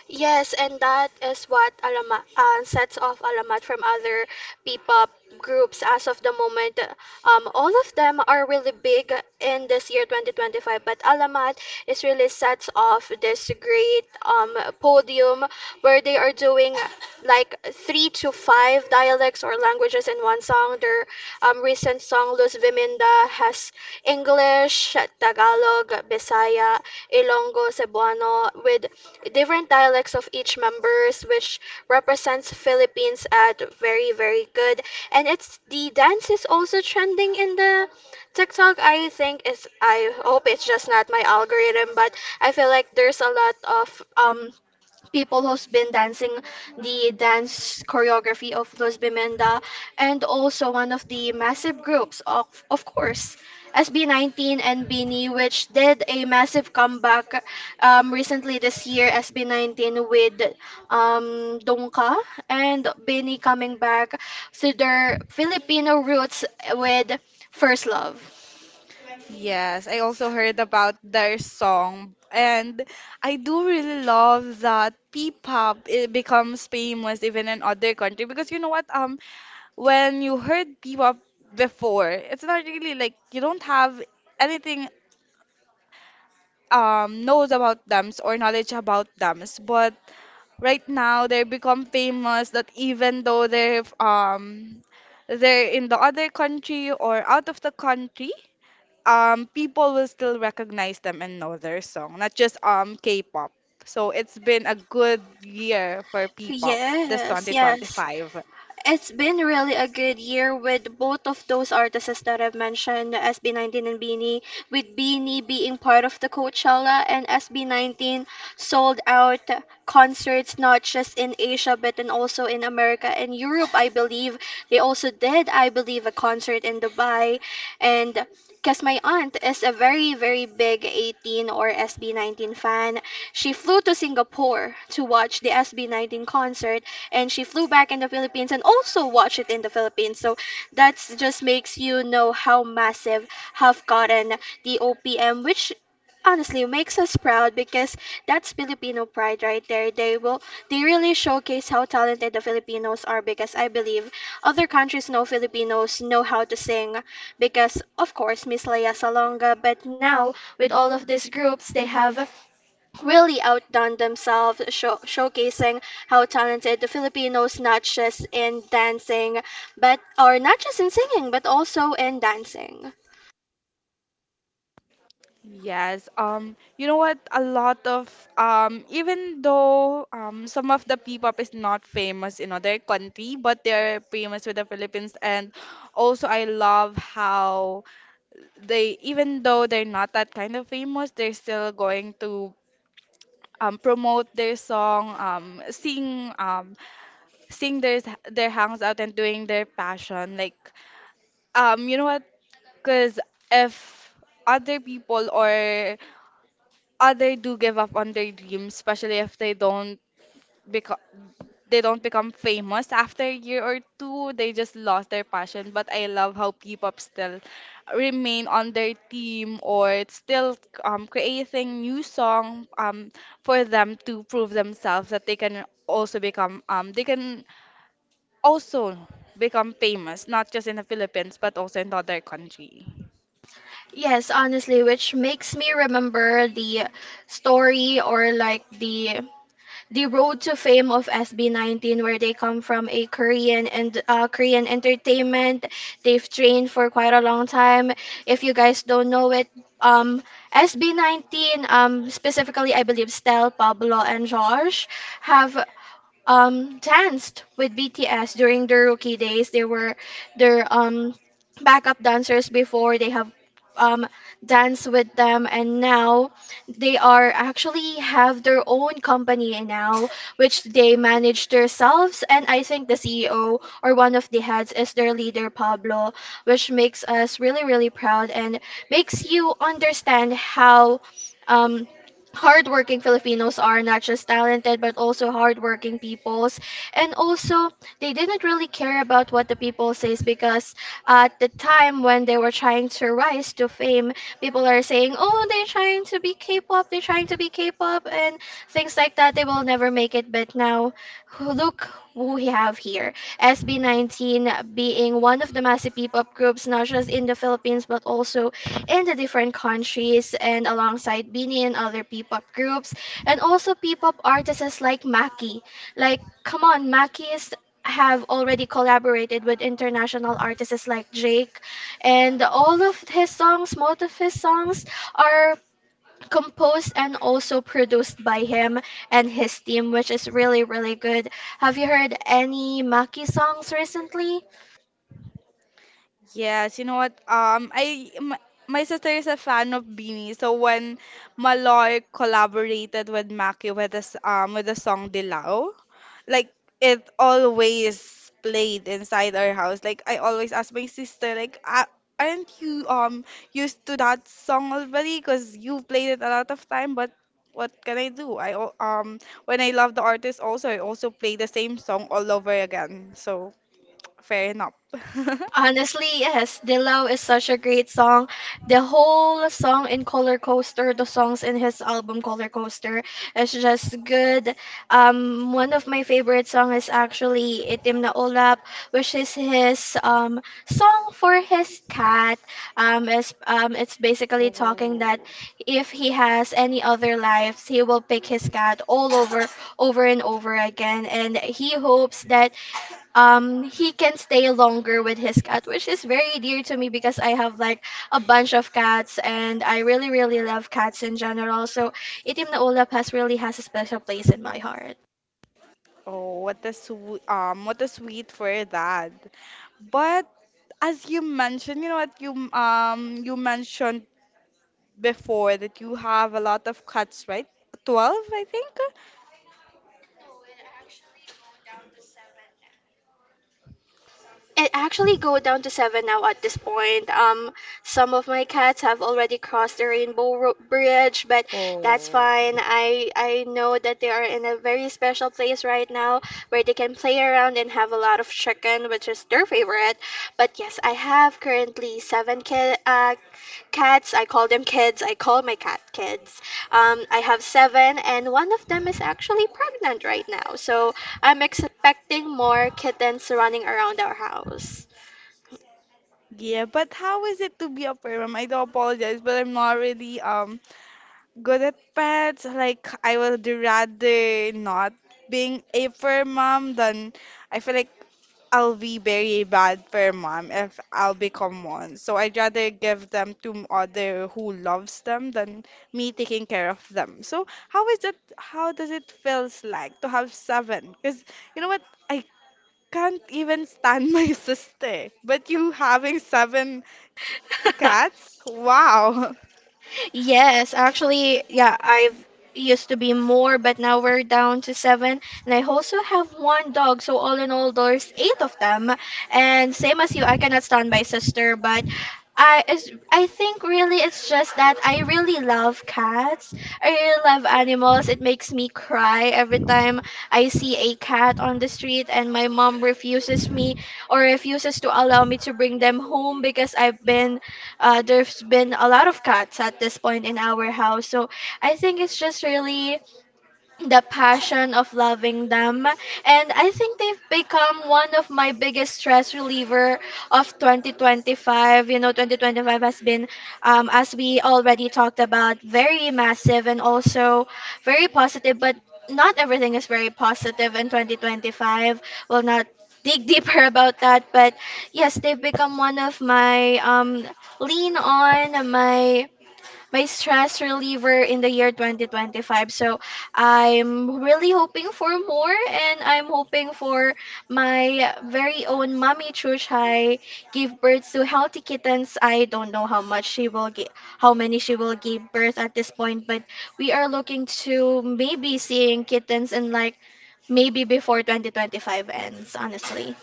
Speaker 1: Yes, and that is what Alamat sets off Alamat from other P-pop groups as of the moment. All of them are really big in this year 2025, but Alamat is really sets off this great podium where they are doing like three to five dialects or languages in one song. Their recent song Luz Viminda has English, Tagalog, Bisaya. Ilonggo, Cebuano, with different dialects of each members, which represents Philippines at very, very good. And it's the dance is also trending in the TikTok. I think is I hope it's just not my algorithm, but I feel like there's a lot of um people who's been dancing the dance choreography of Los Bimenda. And also one of the massive groups of course SB19 and Bini, which did a massive comeback recently this year, SB19 with Dongka and Bini coming back to their Filipino roots with First Love.
Speaker 2: Yes, I also heard about their song, and I do really love that P-pop it becomes famous even in other country because you know what? When you heard P-pop before, it's not really like you don't have anything knows about them or knowledge about them, but right now they become famous that even though they're in the other country or out of the country people will still recognize them and know their song, not just K-pop. So it's been a good year for P-pop this
Speaker 1: Yes, yes.
Speaker 2: 2025.
Speaker 1: It's been really a good year with both of those artists that I've mentioned, SB19 and Beanie, with Beanie being part of the Coachella and SB19 sold out concerts not just in Asia but in also in America and Europe, I believe. They also did, I believe, a concert in Dubai, and because my aunt is a very, very big 18 or SB19 fan. She flew to Singapore to watch the SB19 concert, and she flew back in the Philippines and also watched it in the Philippines. So that's just makes you know how massive have gotten the OPM, which honestly makes us proud because that's Filipino pride right there. They will they really showcase how talented the Filipinos are because I believe other countries know Filipinos know how to sing because of course Miss Leia Salonga, but now with all of these groups they have really outdone themselves, showcasing how talented the Filipinos not just in dancing, but or not just in singing, but also in dancing.
Speaker 2: Yes, you know what? A lot of even though some of the P-pop is not famous in other country, but they're famous with the Philippines. And also, I love how they, even though they're not that kind of famous, they're still going to promote their song, sing their hangs out and doing their passion. Like, you know what? Because if other people or other do give up on their dreams, especially if they don't because they don't become famous after a year or two. They just lost their passion. But I love how P-pop still remain on their team or it's still creating new song for them to prove themselves that they can also become they can also become famous, not just in the Philippines but also in the other country.
Speaker 1: Yes, honestly, which makes me remember the story or like the road to fame of SB19, where they come from a Korean and Korean entertainment. They've trained for quite a long time. If you guys don't know it, um, SB19, specifically I believe Stel, Pablo, and Josh have danced with BTS during their rookie days. They were their backup dancers before they have um danced with them, and now they are actually have their own company and now which they manage themselves, and I think the CEO or one of the heads is their leader Pablo, which makes us really really proud and makes you understand how um hardworking Filipinos are, not just talented but also hardworking peoples, and also they didn't really care about what the people says because at the time when they were trying to rise to fame, people are saying, "Oh, they're trying to be K-pop, they're trying to be K-pop," and things like that. They will never make it. But now, look who we have here. SB19 being one of the massive P-pop groups, not just in the Philippines but also in the different countries, and alongside Bini and other P-pop groups and also P-pop artists like Maki. Like, come on, Maki's have already collaborated with international artists like Drake, and all of his songs, most of his songs are composed and also produced by him and his team, which is really, really good. Have you heard any Maki songs recently?
Speaker 2: Yes, you know what? My sister is a fan of Beanie, so when Maloy collaborated with Maki with this with the song Dilaw, like it always played inside our house. Like I always ask my sister, like, "Ah, aren't you used to that song already? Cause you played it a lot of time, but what can I do? When I love the artist also, I also play the same song all over again. So fair enough.
Speaker 1: Honestly, yes, Dilaw is such a great song. The whole song in Color Coaster, the songs in his album Color Coaster is just good. One of my favorite song is actually Itim na Ulap, which is his song for his cat. Is it's basically talking that if he has any other lives, he will pick his cat over and over again, and he hopes that he can stay longer with his cat, which is very dear to me because I have like a bunch of cats and I really really love cats in general. So Itim na Ulap has really has a special place in my heart.
Speaker 2: Oh, what a sweet for that. But as you mentioned, you know what you mentioned before that you have a lot of cuts, right? 12, I think.
Speaker 1: It actually go down to 7 now at this point. Some of my cats have already crossed the Bridge, but that's
Speaker 2: Oh,
Speaker 1: fine. I know that they are in a very special place right now where they can play around and have a lot of chicken, which is their favorite. But yes, I have currently 7 cats. I call them kids. I call my cat kids. I have 7, and one of them is actually pregnant right now. So I'm expecting more kittens running around our house.
Speaker 2: yeah, but how is it to be a perm? I do apologize, but I'm not really good at pets. Like I would rather not being a fur mom than I feel like I'll be very bad for mom if I'll become one. So I'd rather give them to other who loves them than me taking care of them. So how is it? How does it feels like to have seven? Because you know what? I can't even stand my sister. But you having seven cats? Wow.
Speaker 1: Yes, actually, yeah, I've used to be more, but now we're down to seven. And I also have one dog, so all in all, there's 8 of them. And same as you, I cannot stand my sister, but I think really it's just that I really love cats. I really love animals. It makes me cry every time I see a cat on the street and my mom refuses me or refuses to allow me to bring them home because I've been there's been a lot of cats at this point in our house. So I think it's just really the passion of loving them, and I think they've become one of my biggest stress reliever of 2025. You know, 2025 has been as we already talked about, very massive and also very positive, but not everything is very positive in 2025. We'll not dig deeper about that, but yes, they've become one of my lean on my stress reliever in the year 2025. So I'm really hoping for more, and I'm hoping for my very own mommy Chuchai give birth to healthy kittens. I don't know how much she will get, how many she will give birth at this point, but we are looking to maybe seeing kittens in like maybe before 2025 ends, honestly.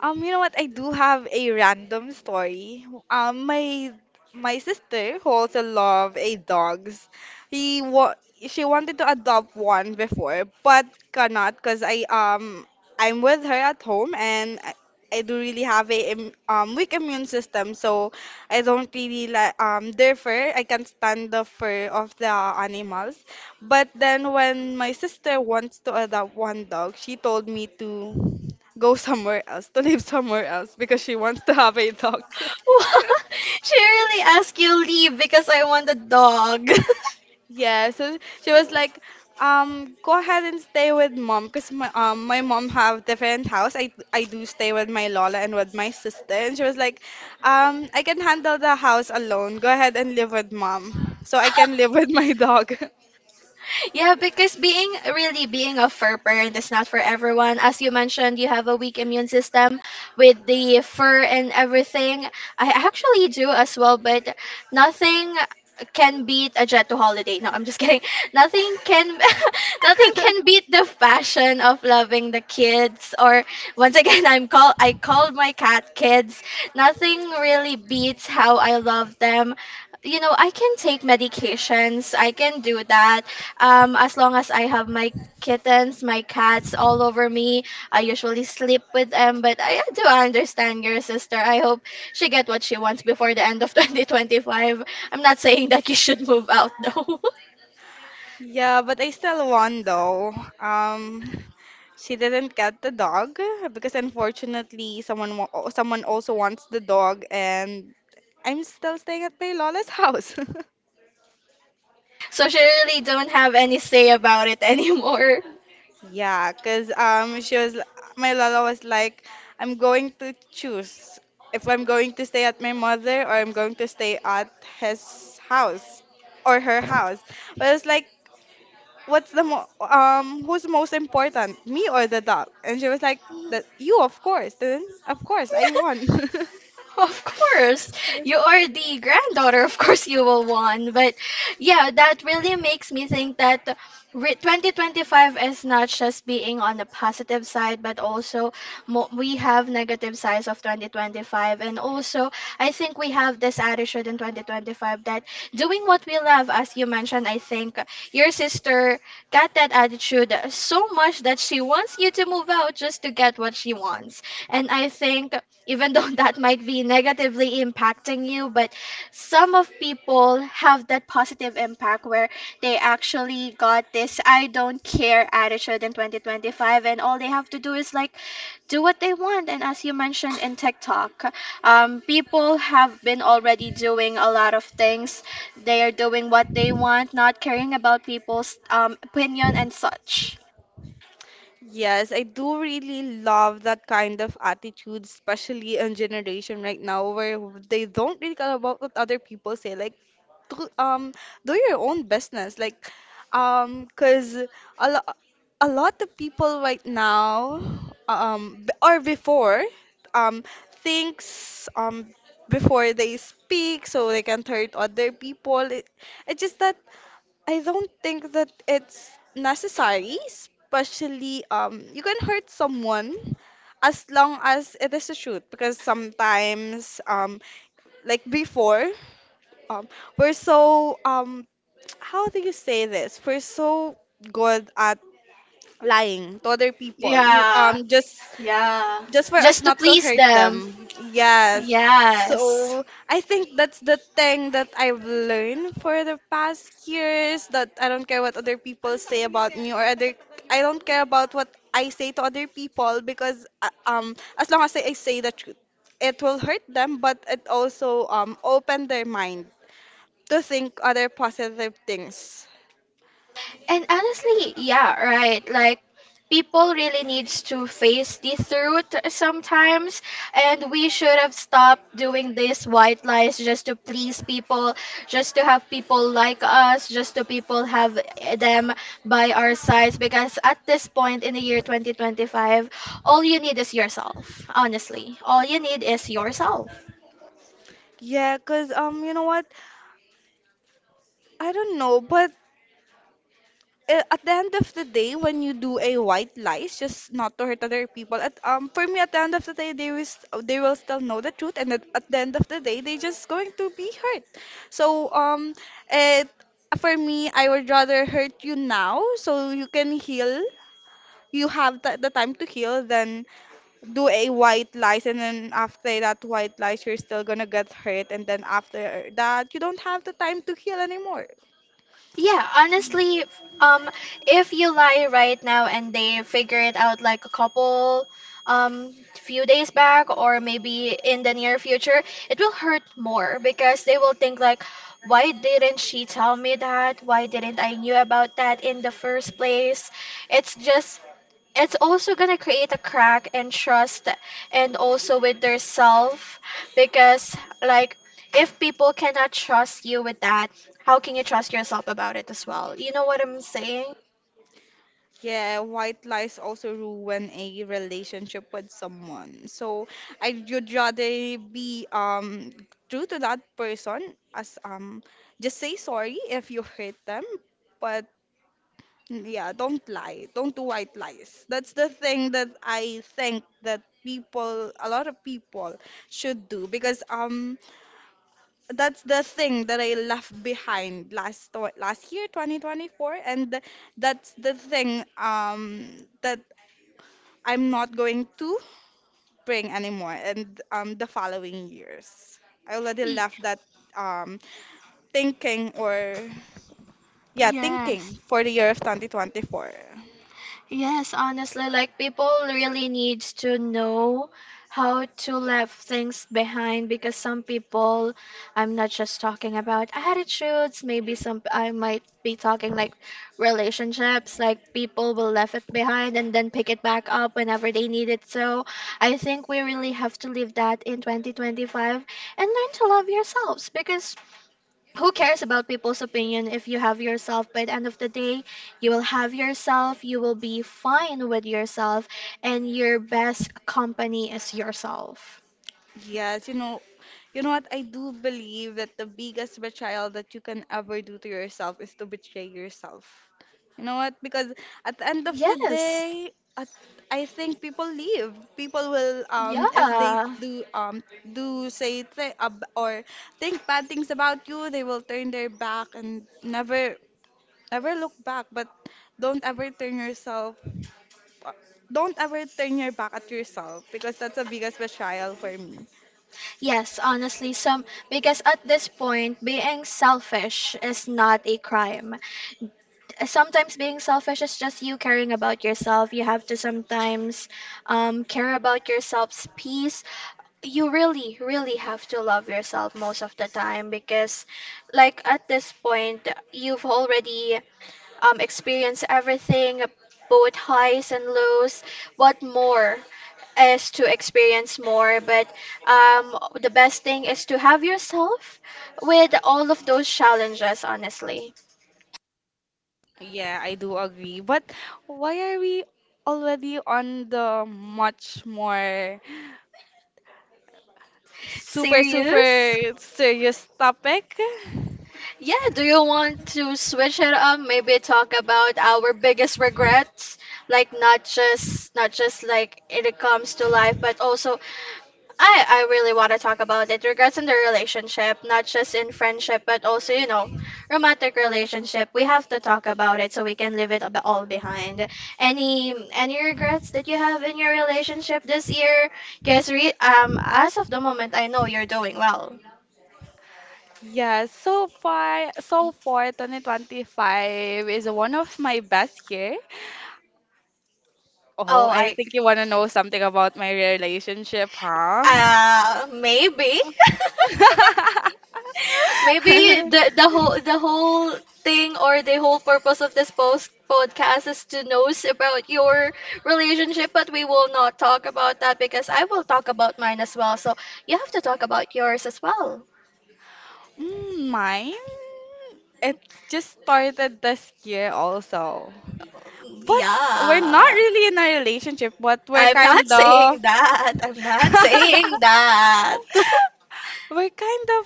Speaker 2: You know what? I do have a random story. My sister who also love a dogs. He wa she wanted to adopt one before, but cannot because I'm with her at home and I do really have a weak immune system, so I don't really like their fur. I can't stand the fur of the animals. But then when my sister wants to adopt one dog, she told me to go somewhere else, to live somewhere else because she wants to have a dog.
Speaker 1: She really asked you leave because I want a dog.
Speaker 2: Yeah, so she was like, go ahead and stay with mom, cause my mom have different house. I do stay with my Lola and with my sister, and she was like, I can handle the house alone. Go ahead and live with mom, so I can live with my dog.
Speaker 1: Yeah, because being really being a fur parent is not for everyone. As you mentioned, you have a weak immune system with the fur and everything. I actually do as well, but nothing can beat a jet to holiday. No, I'm just kidding. Nothing can nothing can beat the passion of loving the kids, or once again I called my cat kids. Nothing really beats how I love them. You know, I can take medications. I can do that. As long as I have my kittens, my cats all over me, I usually sleep with them. But I do understand your sister. I hope she get what she wants before the end of 2025. I'm not saying that you should move out though.
Speaker 2: Yeah, but I still won though. Um, she didn't get the dog because unfortunately someone also wants the dog and I'm still staying at my lola's house.
Speaker 1: So she really don't have any say about it anymore.
Speaker 2: Yeah, 'cause she was my lola was like I'm going to choose if I'm going to stay at my mother or I'm going to stay at his house or her house. But it's like who's most important me or the dog and she was like that you of course then of course I won
Speaker 1: Of course, you are the granddaughter. Of course, you will won. But yeah, that really makes me think that 2025 is not just being on the positive side, but also we have negative sides of 2025. And also, I think we have this attitude in 2025 that doing what we love, as you mentioned, I think your sister got that attitude so much that she wants you to move out just to get what she wants. And I think, even though that might be negatively impacting you, but some of people have that positive impact where they actually got this I don't care attitude in 2025, and all they have to do is like do what they want. And as you mentioned in TikTok, people have been already doing a lot of things. They are doing what they want, not caring about people's opinion and such.
Speaker 2: Yes, I do really love that kind of attitude, especially in generation right now where they don't really care about what other people say. Like, do, do your own business. Like, cause a lo a lot of people right now, or before, um, thinks before they speak so they can hurt other people. It, it's just that. I don't think that it's necessary, especially you can hurt someone as long as it is the truth because sometimes like before um we're so how do you say this? We're so good at lying to other people. You,
Speaker 1: Yeah. Yeah.
Speaker 2: just for us
Speaker 1: Just to
Speaker 2: not to
Speaker 1: please
Speaker 2: hurt
Speaker 1: them.
Speaker 2: them. Yes.
Speaker 1: Yes.
Speaker 2: So I think that's the thing that I've learned for the past years that I don't care what other people say about me or other. I don't care about what I say to other people because as long as I say the truth, it will hurt them but it also open their mind to think other positive things.
Speaker 1: And honestly, yeah, right. Like people really needs to face this route sometimes, and we should have stopped doing these white lies just to please people, just to have people like us, just to people have eh, them by our sides, because at this point in the year 2025, all you need is yourself. Honestly, all you need is yourself.
Speaker 2: Yeah, cause you know what? I don't know, but at the end of the day, when you do a white lies, just not to hurt other people. At For me, at the end of the day, they will still know the truth, and at the end of the day, they just going to be hurt. So it for me, I would rather hurt you now so you can heal. You have the time to heal than do a white lies, and then after that white lies, you're still gonna get hurt, and then after that, you don't have the time to heal anymore.
Speaker 1: Yeah, honestly, if you lie right now and they figure it out like a couple, few days back or maybe in the near future, it will hurt more because they will think like, why didn't she tell me that? Why didn't I knew about that in the first place? It's just it's also gonna create a crack and trust, and also with their self, because like if people cannot trust you with that, how can you trust yourself about it as well? You know what I'm saying?
Speaker 2: Yeah, white lies also ruin a relationship with someone. So I would rather be true to that person as just say sorry if you hurt them, but mm, yeah, don't lie. Don't do white lies. That's the thing that I think that people, a lot of people should do because that's the thing that I left behind last last year, 2024, and that's the thing that I'm not going to bring anymore and the following years. I already
Speaker 1: Y-
Speaker 2: left that um, thinking or yeah,
Speaker 1: Yes.
Speaker 2: thinking for the year of 2024.
Speaker 1: Yes, honestly, like people really need to know how to leave things behind, because some people, I'm not just talking about attitudes, maybe some, I might be talking like relationships, like people will leave it behind and then pick it back up whenever they need it. So I think we really have to leave that in 2025 and learn to love yourselves, because who cares about people's opinion if you have yourself? By the end of the day, you will have yourself, you will be fine with yourself, and your best company is yourself.
Speaker 2: Yes, you know what? I do believe that the biggest betrayal that you can ever do to yourself is to betray yourself. You know what? Because at the end of the
Speaker 1: Yes.
Speaker 2: day, I think people leave. People will, if they
Speaker 1: Yeah.
Speaker 2: do, do say th ab or think bad things about you, they will turn their back and never look back. But don't ever turn yourself, uh, don't ever turn your back at yourself because that's the biggest betrayal for me.
Speaker 1: Yes, honestly, some, because at this point, being selfish is not a crime. Uh, sometimes being selfish is just you caring about yourself. You have to sometimes care about yourself's peace. You really, really have to love yourself most of the time because, like, at this point, you've already experienced everything, both highs and lows. What more is to experience more, but the best thing is to have yourself with all of those challenges, honestly.
Speaker 2: Yeah, I do agree. But why are we already on the much more super,
Speaker 1: Serious?
Speaker 2: super serious topic?
Speaker 1: Yeah, do you want to switch it up? Maybe talk about our biggest regrets, like not just like it comes to life, but also I really want to talk about it. Regrets in the relationship, not just in friendship, but also, you know, romantic relationship. We have to talk about it so we can leave it all behind. Any regrets that you have in your relationship this year? Guess re as of the moment, I know you're doing well.
Speaker 2: Yeah, so far, so far, 2025 is one of my best year. Oh,
Speaker 1: Oh,
Speaker 2: I
Speaker 1: I.
Speaker 2: think you want to know something about my relationship, huh?
Speaker 1: Maybe, maybe the whole thing, or the whole purpose of this post podcast is to know about your relationship, but we will not talk about that because I will talk about mine as well. So you have to talk about yours as well.
Speaker 2: Mm, mine? It just started this year also. But we're not
Speaker 1: Yeah,
Speaker 2: really in a relationship, but we're
Speaker 1: I'm not
Speaker 2: kind
Speaker 1: saying
Speaker 2: of
Speaker 1: that. I'm not saying that.
Speaker 2: we're kind of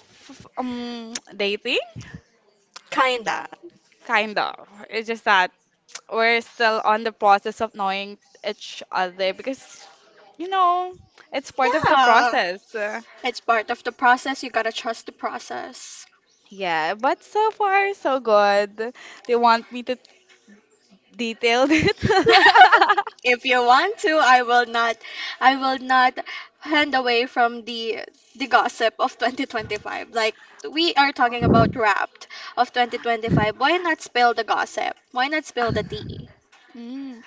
Speaker 2: dating,
Speaker 1: Kinda.
Speaker 2: kind of. It's just that we're still on the process of knowing each other because you know, it's part of the
Speaker 1: Yeah,
Speaker 2: process.
Speaker 1: it's part of the process. You gotta trust the process.
Speaker 2: Yeah, but so far so good. They want me to detail it.
Speaker 1: If you want to, I will not hand away from the gossip of 2025. Like we are talking about Wrapped of 2025. Why not spill the gossip? Why not spill the tea?
Speaker 2: Mm.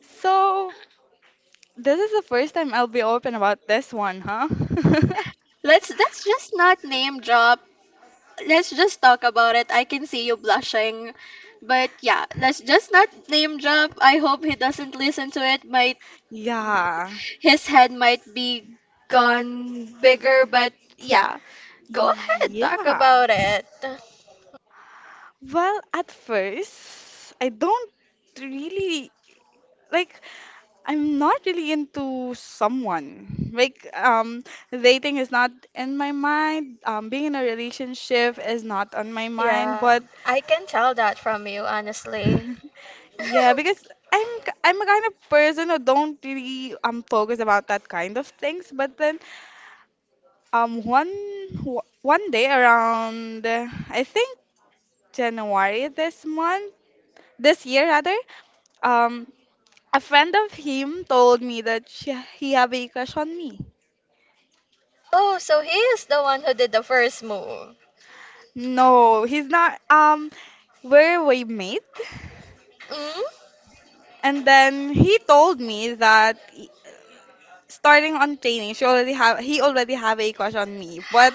Speaker 2: So, this is the first time I'll be open about this one, huh?
Speaker 1: Let's just not name drop. Let's just talk about it. I can see you blushing. But yeah, let's just not name drop. I hope he doesn't listen to it. My.
Speaker 2: Yeah.
Speaker 1: His head might be gone bigger, but yeah, go ahead,
Speaker 2: Yeah.
Speaker 1: talk about it.
Speaker 2: Well, at first, I don't really like I'm not really into someone. Dating is not in my mind. Being in a relationship is not on my mind,
Speaker 1: Yeah,
Speaker 2: but
Speaker 1: I can tell that from you, honestly.
Speaker 2: yeah, because I'm a kind of person who don't really focus about that kind of things, but then one one day around, I think January this month, this year rather. Um, a friend of him told me that he have a crush on me.
Speaker 1: Oh, so he is the one who did the first move.
Speaker 2: No, he's not. We're roommate,
Speaker 1: Mm?
Speaker 2: and then he told me that starting on training, she already have he already have a crush on me, but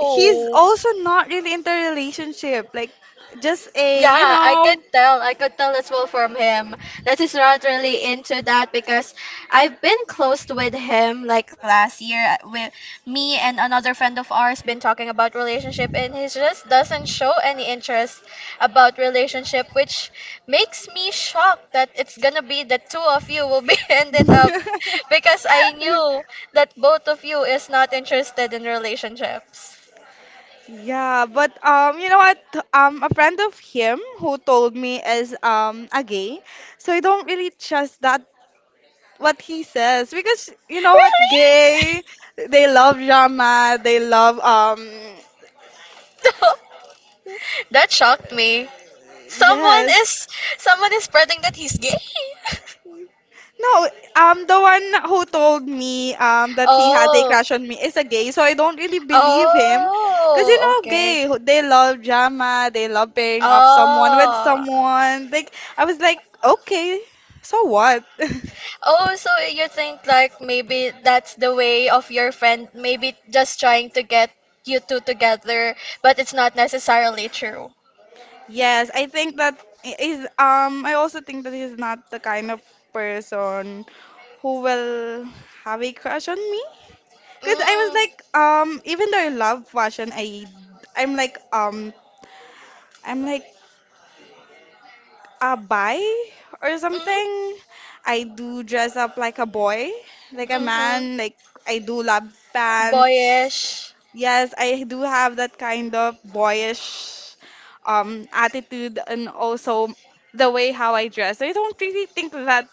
Speaker 2: he's also not really into a relationship, like just a you
Speaker 1: Yeah, I could
Speaker 2: know.
Speaker 1: tell. I could tell as well from him that he's not really into that, because I've been close with him like last year. Uh, with me and another friend of ours been talking about relationship, and he just doesn't show any interest about relationship, which makes me shocked that it's gonna be the two of you will be ended up, because I knew that both of you is not interested in relationships.
Speaker 2: Yeah, but you know what? A friend of him who told me is a gay, so I don't really trust that what he says because you know what, gay, they love drama, they love
Speaker 1: That shocked me. Someone
Speaker 2: yes,
Speaker 1: is someone is spreading that he's gay.
Speaker 2: no, the one who told me that he has a
Speaker 1: Oh.
Speaker 2: crush on me is a gay, so I don't really believe him, because you
Speaker 1: Oh,
Speaker 2: know,
Speaker 1: okay.
Speaker 2: gay, they love drama, they love pairing off someone with
Speaker 1: Oh.
Speaker 2: someone. Like I was like, okay, so what?
Speaker 1: Oh, so you think like maybe that's the way of your friend maybe just trying to get you two together, but it's not necessarily true.
Speaker 2: Yes, I think that I- is I also think that he's not the kind of person who will have a crush on me. Because I was
Speaker 1: Mm.
Speaker 2: like, even though I love fashion, I'm like, um, I'm like a bi or
Speaker 1: Mm-hmm.
Speaker 2: something. I do dress up like a boy, like a
Speaker 1: Mm-hmm.
Speaker 2: man. Like I do love pants.
Speaker 1: Boyish.
Speaker 2: Yes, I do have that kind of boyish attitude and also the way how I dress. I don't really think that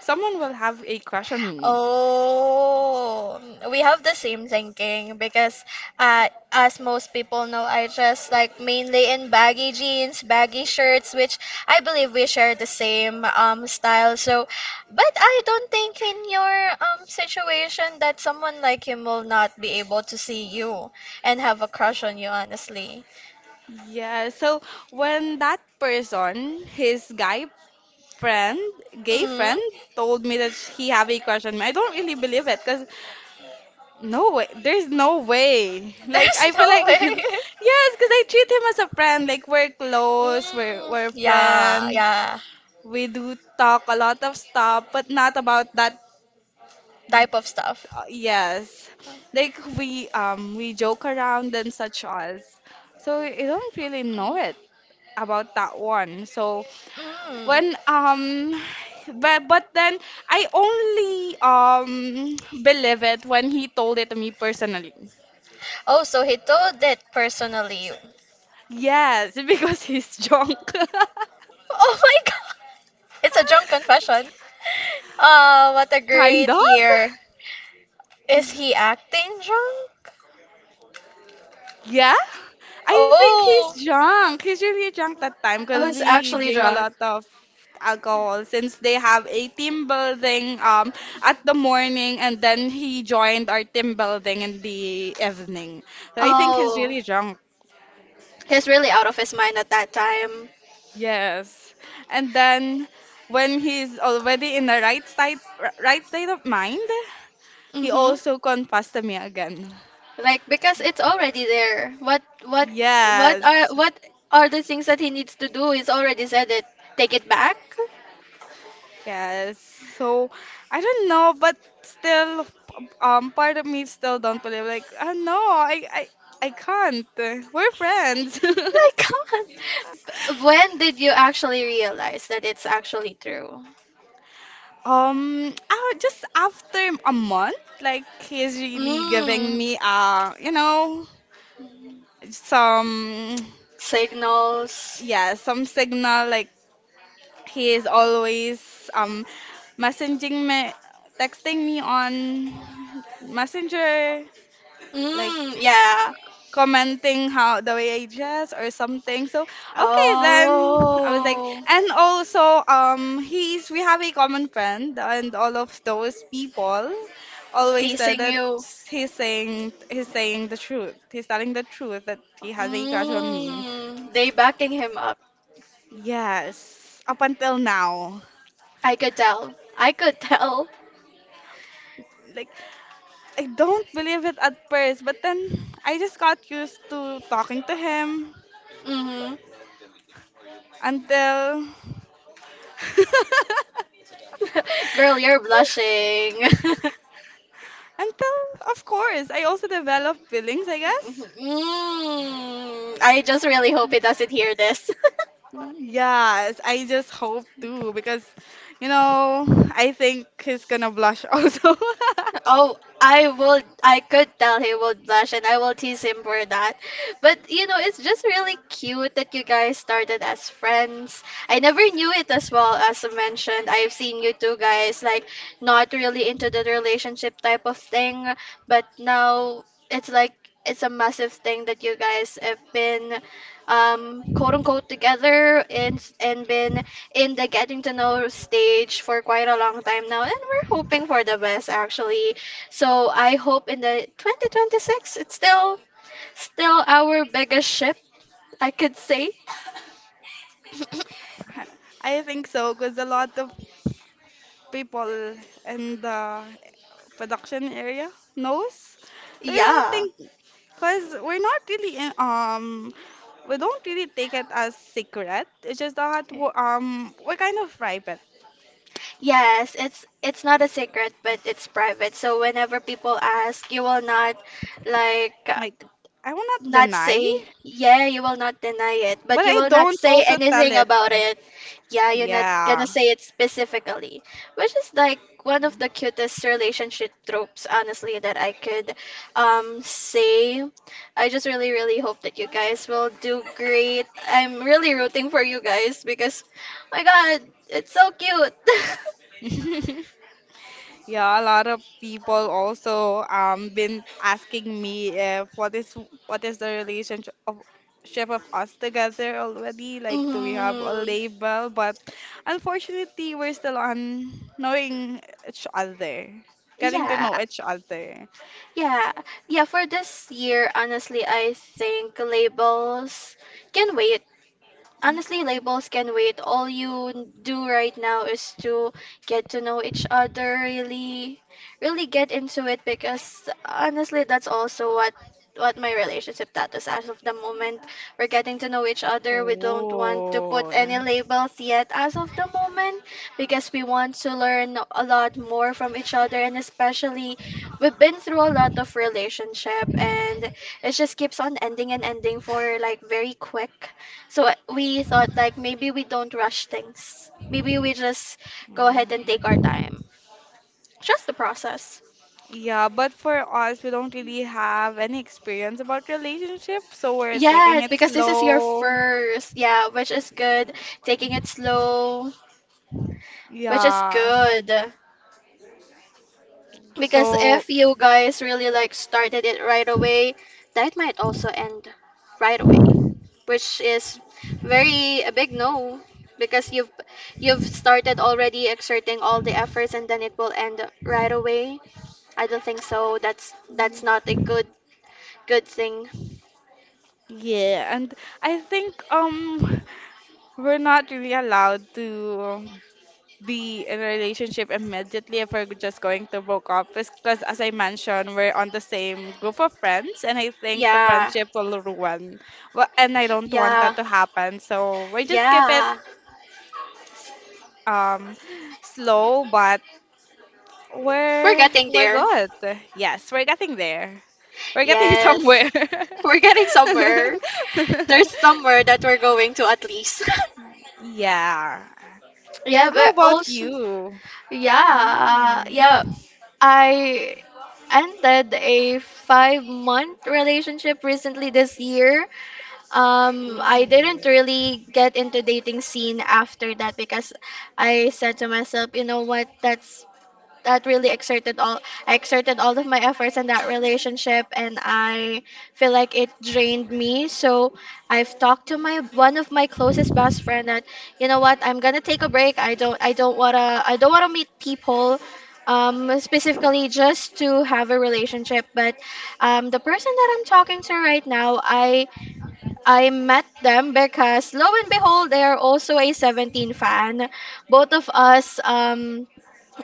Speaker 2: someone will have a crush on me.
Speaker 1: Oh, we have the same thinking because, as most people know, I dress like mainly in baggy jeans, baggy shirts, which I believe we share the same style. So, but I don't think in your situation that someone like him will not be able to see you and have a crush on you, honestly.
Speaker 2: Yeah, so when that person, his guy friend, gay
Speaker 1: Mm,
Speaker 2: friend, told me that he have a crush on me. I don't really believe it because no way, there's no way. Like
Speaker 1: there's
Speaker 2: I feel
Speaker 1: no
Speaker 2: like
Speaker 1: way.
Speaker 2: yes, because I treat him as a friend. Like we're close, we're
Speaker 1: Mm,
Speaker 2: we're
Speaker 1: yeah,
Speaker 2: friends.
Speaker 1: yeah,
Speaker 2: We do talk a lot of stuff, but not about that.
Speaker 1: type of stuff.
Speaker 2: Uh, yes like we joke around and such as so you don't really know it about that one so
Speaker 1: Mm.
Speaker 2: when but then I only believe it when he told it to me personally
Speaker 1: Oh, so he told it personally.
Speaker 2: yes because he's drunk
Speaker 1: Oh my God! It's a drunk confession. Oh, what a
Speaker 2: kind
Speaker 1: great
Speaker 2: of
Speaker 1: year. Is he acting drunk?
Speaker 2: Yeah, I think
Speaker 1: Oh,
Speaker 2: he's drunk. He's really drunk that time
Speaker 1: oh, he's
Speaker 2: because he
Speaker 1: actually
Speaker 2: drink a
Speaker 1: drunk.
Speaker 2: lot of alcohol since they have a team building at the morning and then he joined our team building in the evening. So I think he's
Speaker 1: Oh,
Speaker 2: really drunk.
Speaker 1: he's really out of his mind at that time.
Speaker 2: Yes. And then when he's already in the right state of mind, he
Speaker 1: Mm-hmm.
Speaker 2: also confessed to me again.
Speaker 1: Like because it's already there.
Speaker 2: Yes.
Speaker 1: What are the things that he needs to do? He's already said it. Take it back.
Speaker 2: Yes. So I don't know, but still, part of me still don't believe. Like, oh no, I can't. We're friends.
Speaker 1: My God. When did you actually realize that it's actually true?
Speaker 2: Oh, just after a month, like he's really giving
Speaker 1: Mm.
Speaker 2: me you know, some
Speaker 1: Signals.
Speaker 2: yeah, some signal like he is always messaging me, texting me on Messenger, like
Speaker 1: Mm, yeah.
Speaker 2: commenting how the way I dress or something. So okay, then I was like,
Speaker 1: Oh,
Speaker 2: and also he's we have a common friend, and all of those people always said
Speaker 1: teasing
Speaker 2: that
Speaker 1: you.
Speaker 2: he's saying the truth. He's telling the truth that he has a crush on me.
Speaker 1: Mm, they backing him up.
Speaker 2: Yes, up until now,
Speaker 1: I could tell. I could tell.
Speaker 2: like. I don't believe it at first, but then I just got used to talking to him,
Speaker 1: Mm-hmm.
Speaker 2: until
Speaker 1: Girl, you're blushing.
Speaker 2: until of course I also develop feelings, I guess.
Speaker 1: Mm, I just really hope he doesn't hear this.
Speaker 2: Yes, I just hope to because you know, I think he's gonna blush also.
Speaker 1: Oh, I would, I could tell he would blush, and I will tease him for that. But you know, it's just really cute that you guys started as friends. I never knew it as well, as I mentioned. I've seen you two guys like not really into the relationship type of thing, but now it's like it's a massive thing that you guys have been quote unquote together, and been in the getting to know stage for quite a long time now, and we're hoping for the best, actually. So I hope in the 2026, it's still our biggest ship, I could say.
Speaker 2: I think so because a lot of people in the production area knows. So I don't
Speaker 1: Yeah.
Speaker 2: think, because we're not really we don't really take it as secret. It's just that we're kind of private.
Speaker 1: Yes, it's not a secret, but it's private. So whenever people ask, you will not like
Speaker 2: Like I will not
Speaker 1: not
Speaker 2: deny,
Speaker 1: say, yeah, you will not deny it, but
Speaker 2: but
Speaker 1: you
Speaker 2: I
Speaker 1: will not
Speaker 2: don't
Speaker 1: say
Speaker 2: also tell
Speaker 1: anything
Speaker 2: it.
Speaker 1: about it. Yeah, you're not
Speaker 2: Yeah.
Speaker 1: gonna say it specifically, which is like one of the cutest relationship tropes, honestly, that I could say. I just really, really hope that you guys will do great. I'm really rooting for you guys because, my God, it's so cute.
Speaker 2: Yeah, a lot of people also been asking me if what is what is the relationship of shape of us together already? Like, do we have a
Speaker 1: Hmm.
Speaker 2: label? But unfortunately, we're still on knowing each other, getting to
Speaker 1: Yeah,
Speaker 2: know each other.
Speaker 1: yeah, yeah, for this year, honestly, I think labels can wait, honestly,
Speaker 2: Okay.
Speaker 1: labels can wait. All you do right now is to get to know each other, really, really get into it, because honestly, that's also what my relationship status as of the moment. We're getting to know each other. We don't want to put
Speaker 2: Oh.
Speaker 1: any labels yet as of the moment because we want to learn a lot more from each other, and especially we've been through a lot of relationship and it just keeps on ending and ending for like very quick, so we thought like maybe we don't rush things. Maybe we just go ahead and take our time.
Speaker 2: Mm.
Speaker 1: Trust the process.
Speaker 2: Yeah, but for us, we don't really have any experience about relationship, so we're
Speaker 1: Yeah,
Speaker 2: taking it
Speaker 1: because this is your
Speaker 2: slow.
Speaker 1: first. Yeah, which is good. Taking it slow, which is
Speaker 2: Yeah.
Speaker 1: good. Because
Speaker 2: So
Speaker 1: if you guys really like started it right away, that might also end right away, which is very a big no because you've started already exerting all the efforts and then it will end right away. I don't think so. That's
Speaker 2: Yeah.
Speaker 1: not a good thing.
Speaker 2: yeah, and I think we're not really allowed to um, be in a relationship immediately if we're just going to broke up because as I mentioned, we're on the same group of friends and I think the
Speaker 1: Yeah.
Speaker 2: friendship will ruin. Well, and I don't want that
Speaker 1: Yeah.
Speaker 2: to happen. So we just keep it
Speaker 1: Yeah.
Speaker 2: um slow, but
Speaker 1: We're
Speaker 2: we're
Speaker 1: getting
Speaker 2: we're
Speaker 1: there.
Speaker 2: good. Yes, we're getting there. We're getting
Speaker 1: Yes.
Speaker 2: somewhere.
Speaker 1: We're getting somewhere. There's somewhere that we're going to at least.
Speaker 2: Yeah.
Speaker 1: Yeah,
Speaker 2: How
Speaker 1: but
Speaker 2: about
Speaker 1: also
Speaker 2: you?
Speaker 1: yeah. Yeah. I ended a 5 month relationship recently this year. I didn't really get into dating scene after that because I said to myself, you know what, that's that really exerted all, I exerted all of my efforts in that relationship and I feel like it drained me. So I've talked to my one of my closest best friend that, you know what, I'm gonna take a break. I don't wanna meet people specifically just to have a relationship, but the person that I'm talking to right now, i met them because lo and behold they are also a 17 fan, both of us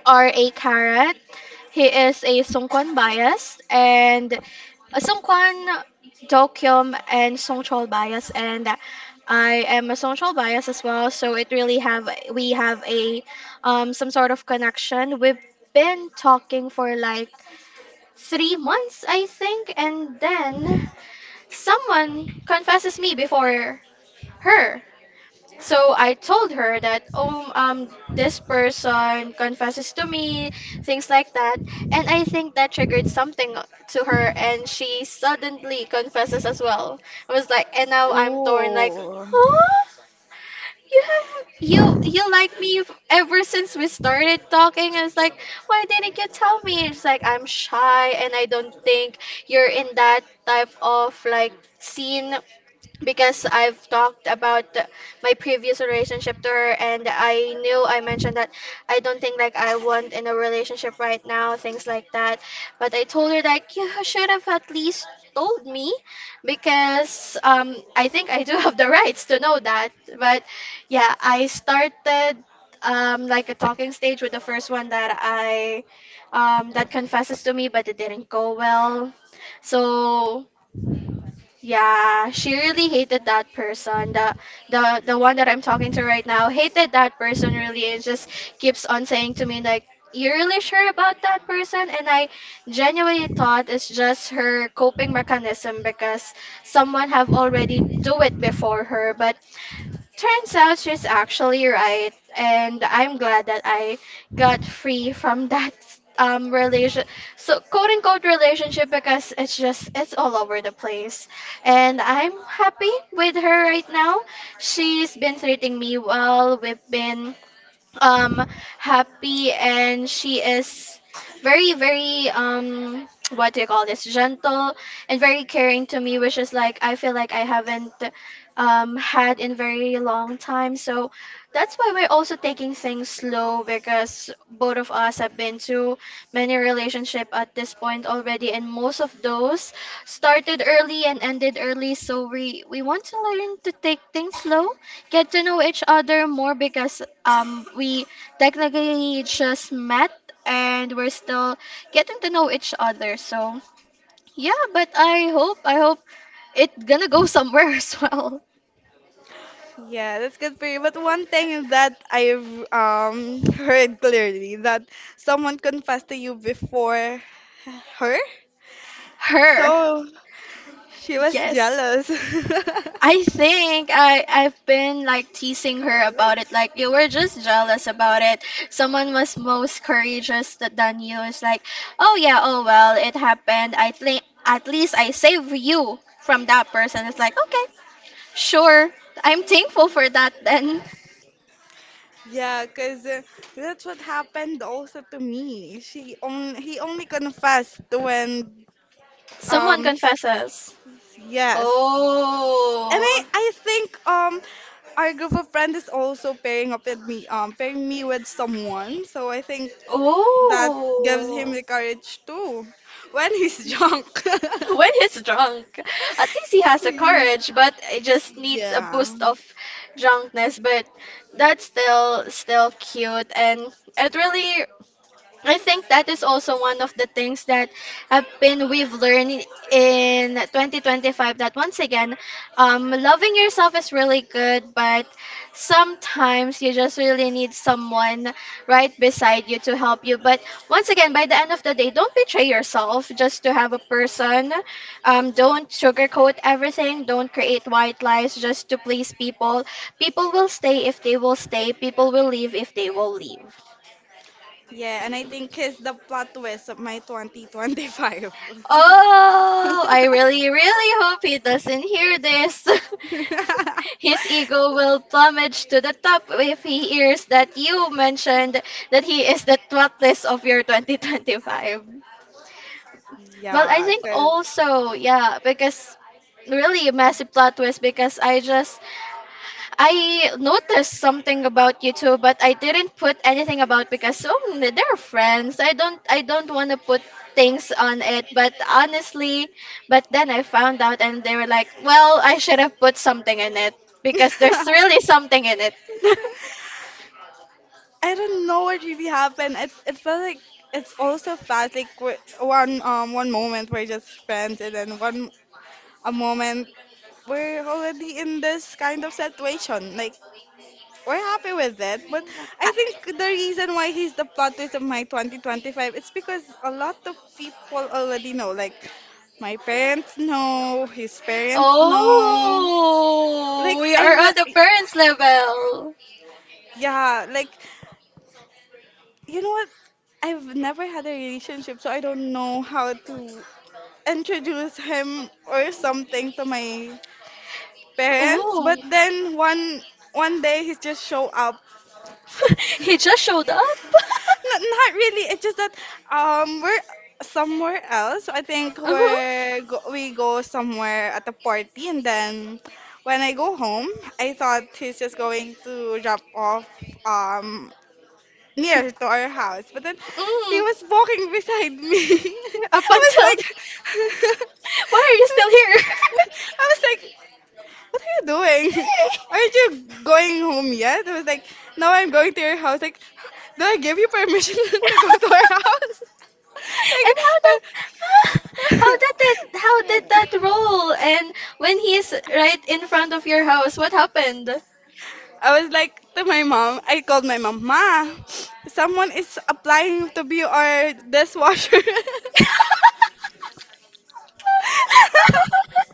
Speaker 1: or a carrot. He is a Sungkwan bias and a Sungkwan, Dokyum, and Songchol bias, and I am a Songchol bias as well. So it really have, we have a some sort of connection. We've been talking for like 3 months, I think, and then someone confesses me before her. So I told her that, oh, this person confesses to me, things like that. And I think that triggered something to her, and she suddenly confesses as well. I was like, and now I'm torn, like,
Speaker 2: Oh,
Speaker 1: huh? You have you you like me ever since we started talking. I was like, why didn't you tell me? It's like I'm shy and I don't think you're in that type of like scene because I've talked about my previous relationship to her and I knew I mentioned that I don't think like I want in a relationship right now, things like that, but I told her like you should have at least told me because I think I do have the rights to know that. But yeah, I started like a talking stage with the first one that I, that confesses to me, but it didn't go well. So yeah, she really hated that person. The one that I'm talking to right now hated that person really and just keeps on saying to me like, you're really sure about that person, and I genuinely thought it's just her coping mechanism because someone have already do it before her. But turns out she's actually right, and I'm glad that I got free from that relation, so quote unquote relationship, because it's just it's all over the place. And I'm happy with her right now. She's been treating me well. We've been um happy, and she is very very what do you call this, gentle and very caring to me, which is like I feel like I haven't had in very long time. So that's why we're also taking things slow, because both of us have been to many relationship at this point already, and most of those started early and ended early, so we want to learn to take things slow, get to know each other more because we technically just met and we're still getting to know each other. So yeah, but I hope it gonna go somewhere as well.
Speaker 2: yeah, that's good for you. But one thing that I've heard clearly that someone confessed to you before her,
Speaker 1: Her,
Speaker 2: so she was
Speaker 1: yes.
Speaker 2: jealous.
Speaker 1: I think I've been like teasing her about
Speaker 2: Like
Speaker 1: it. Like, you were just jealous about it. Someone was most courageous than you. It's like, oh yeah, oh well, it happened. I think at least I save you from that person. It's like, okay. Sure, I'm thankful for that then.
Speaker 2: yeah because that's what happened also to me she on he only confessed when
Speaker 1: Someone
Speaker 2: Um,
Speaker 1: confesses.
Speaker 2: yes. And
Speaker 1: Oh.
Speaker 2: I think our group of friends is also pairing up with me, pairing me with someone. So I think that gives him
Speaker 1: Oh.
Speaker 2: the courage too when he's drunk.
Speaker 1: When he's drunk. At least he has a courage, but it just needs a
Speaker 2: Yeah.
Speaker 1: boost of drunkenness. But that's still cute and it really, I think that is also one of the things that have been, we've learned in 2025, that once again, loving yourself is really good, but sometimes you just really need someone right beside you to help you. But once again, by the end of the day, don't betray yourself just to have a person. Don't sugarcoat everything. Don't create white lies just to please people. People will stay if they will stay. People will leave if they will leave.
Speaker 2: Yeah, and I think he's the plot twist of my 2025.
Speaker 1: Oh, I really, really hope he doesn't hear this. His ego will plummet to the top if he hears that you mentioned that he is the twatless of your 2025. Well, I
Speaker 2: Yeah,
Speaker 1: think
Speaker 2: cause.
Speaker 1: also, yeah, because really a massive plot twist because I just, I noticed something about you too, but I didn't put anything about because they're friends. I don't want to put things on it, but honestly, but then I found out and they were like, "Well, I should have put something in it because there's really something in it."
Speaker 2: I don't know what really happened. It felt like it's all so fast. Like one one moment we're just friends, and then one a moment we're already in this kind of situation. Like we're happy with it, but
Speaker 1: Ah,
Speaker 2: I think the reason why he's the plot twist of my 2025 it's because a lot of people already know. Like my parents know, his parents know.
Speaker 1: oh,
Speaker 2: Like
Speaker 1: we are
Speaker 2: I've
Speaker 1: on the parents level.
Speaker 2: Yeah, like. You know what? I've never had a relationship, so I don't know how to introduce him or something to my parents. But
Speaker 1: Oh,
Speaker 2: then one day he just show up.
Speaker 1: he just showed up.
Speaker 2: Not not really. It's just that we're somewhere else. So I think
Speaker 1: Uh-huh.
Speaker 2: we go somewhere at a party, and then when I go home, I thought he's just going to drop off um near to our house. But then he
Speaker 1: Mm.
Speaker 2: was walking beside me.
Speaker 1: Up
Speaker 2: I was
Speaker 1: until,
Speaker 2: like,
Speaker 1: why are you still here?
Speaker 2: I was like, what are you doing? Aren't you going home yet? I was like, "No, I'm going to your house." Like, do I give you permission to go to our house?
Speaker 1: And how that,
Speaker 2: like, uh,
Speaker 1: how did that, how did that roll? And when he is right in front of your house, what happened?
Speaker 2: I was like to my mom. I called my mom, ma. Someone is applying to be our dishwasher.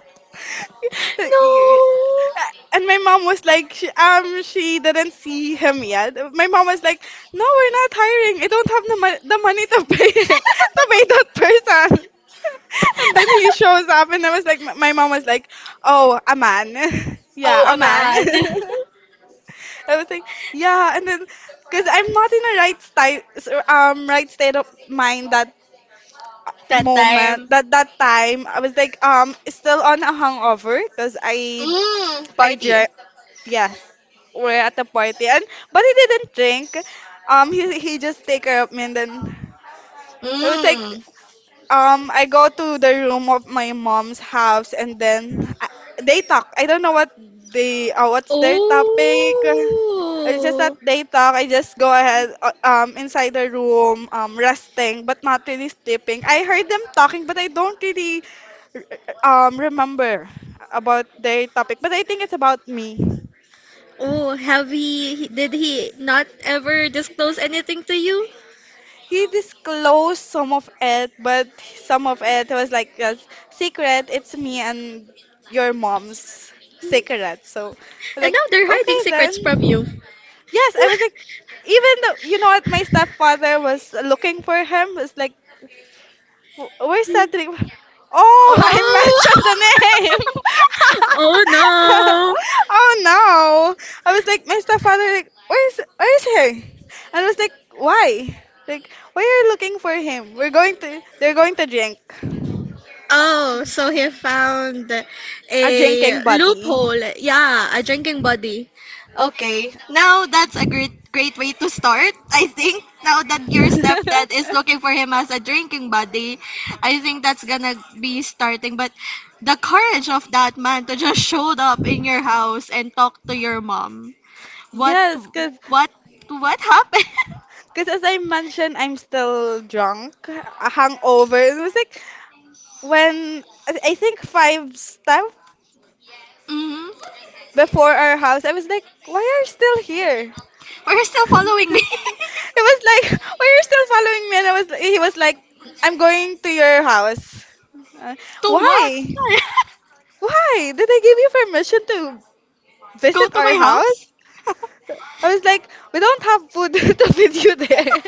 Speaker 1: No.
Speaker 2: And my mom was like she didn't see him yet. My mom was like, "No, we're not hiring. I don't have the, the money to pay him to pay that person." And then he shows up and I was like, my mom was like, "Oh, a man."
Speaker 1: Oh,
Speaker 2: Yeah, a
Speaker 1: a
Speaker 2: man.
Speaker 1: man.
Speaker 2: I was like, yeah, and then because I'm not in a right state of mind that
Speaker 1: That
Speaker 2: moment,
Speaker 1: time.
Speaker 2: that time. I was like, still on a hangover because
Speaker 1: Mm,
Speaker 2: I
Speaker 1: party.
Speaker 2: drank. Yes, we're at the party, and but he didn't drink. He just take care of me, and then it was like,
Speaker 1: Mm.
Speaker 2: I go to the room of my mom's house, and then I, they talk. I don't know what they what's their topic. It's just that
Speaker 1: Oh.
Speaker 2: they talk. I just go ahead inside the room, um, resting but not really sleeping. I heard them talking, but I don't really r- remember about their topic. But I think it's about me.
Speaker 1: Oh, have he did he not ever disclose anything to you?
Speaker 2: He disclosed some of it, but some of it was like a secret. It's me and your mom's secret. So, I was
Speaker 1: And
Speaker 2: like,
Speaker 1: now they're hiding
Speaker 2: okay
Speaker 1: secrets from you.
Speaker 2: then. Yes, I was like, even though, you know what, my stepfather was looking for him, was like, "Where's that drink?" Oh, I
Speaker 1: Oh.
Speaker 2: mentioned the name.
Speaker 1: Oh no.
Speaker 2: Oh no! I was like, my stepfather, like, where is he? And I was like, why? Like, why are you looking for him? They're going to drink.
Speaker 1: Oh, so he found
Speaker 2: A
Speaker 1: a
Speaker 2: drinking buddy.
Speaker 1: loophole. Yeah, a drinking buddy. Okay. Now that's a great way to start, I think. Now that your stepdad is looking for him as a drinking buddy, I think that's gonna be starting. But the courage of that man to just showed up in your house and talk to your mom. What
Speaker 2: Yes, cause,
Speaker 1: what what happened?
Speaker 2: cause as I mentioned, I'm still drunk, a hangover. It was like when I think five step
Speaker 1: Hmm.
Speaker 2: before our house. I was like, why are you still here?
Speaker 1: But you're still following me.
Speaker 2: It was like, why are you still following me? And I was, he was like, I'm going to your house. Uh,
Speaker 1: To
Speaker 2: why?
Speaker 1: what?
Speaker 2: Why? Did I give you permission to
Speaker 1: Go
Speaker 2: visit
Speaker 1: to
Speaker 2: our
Speaker 1: my house?
Speaker 2: house? I was like, we don't have food to feed you there.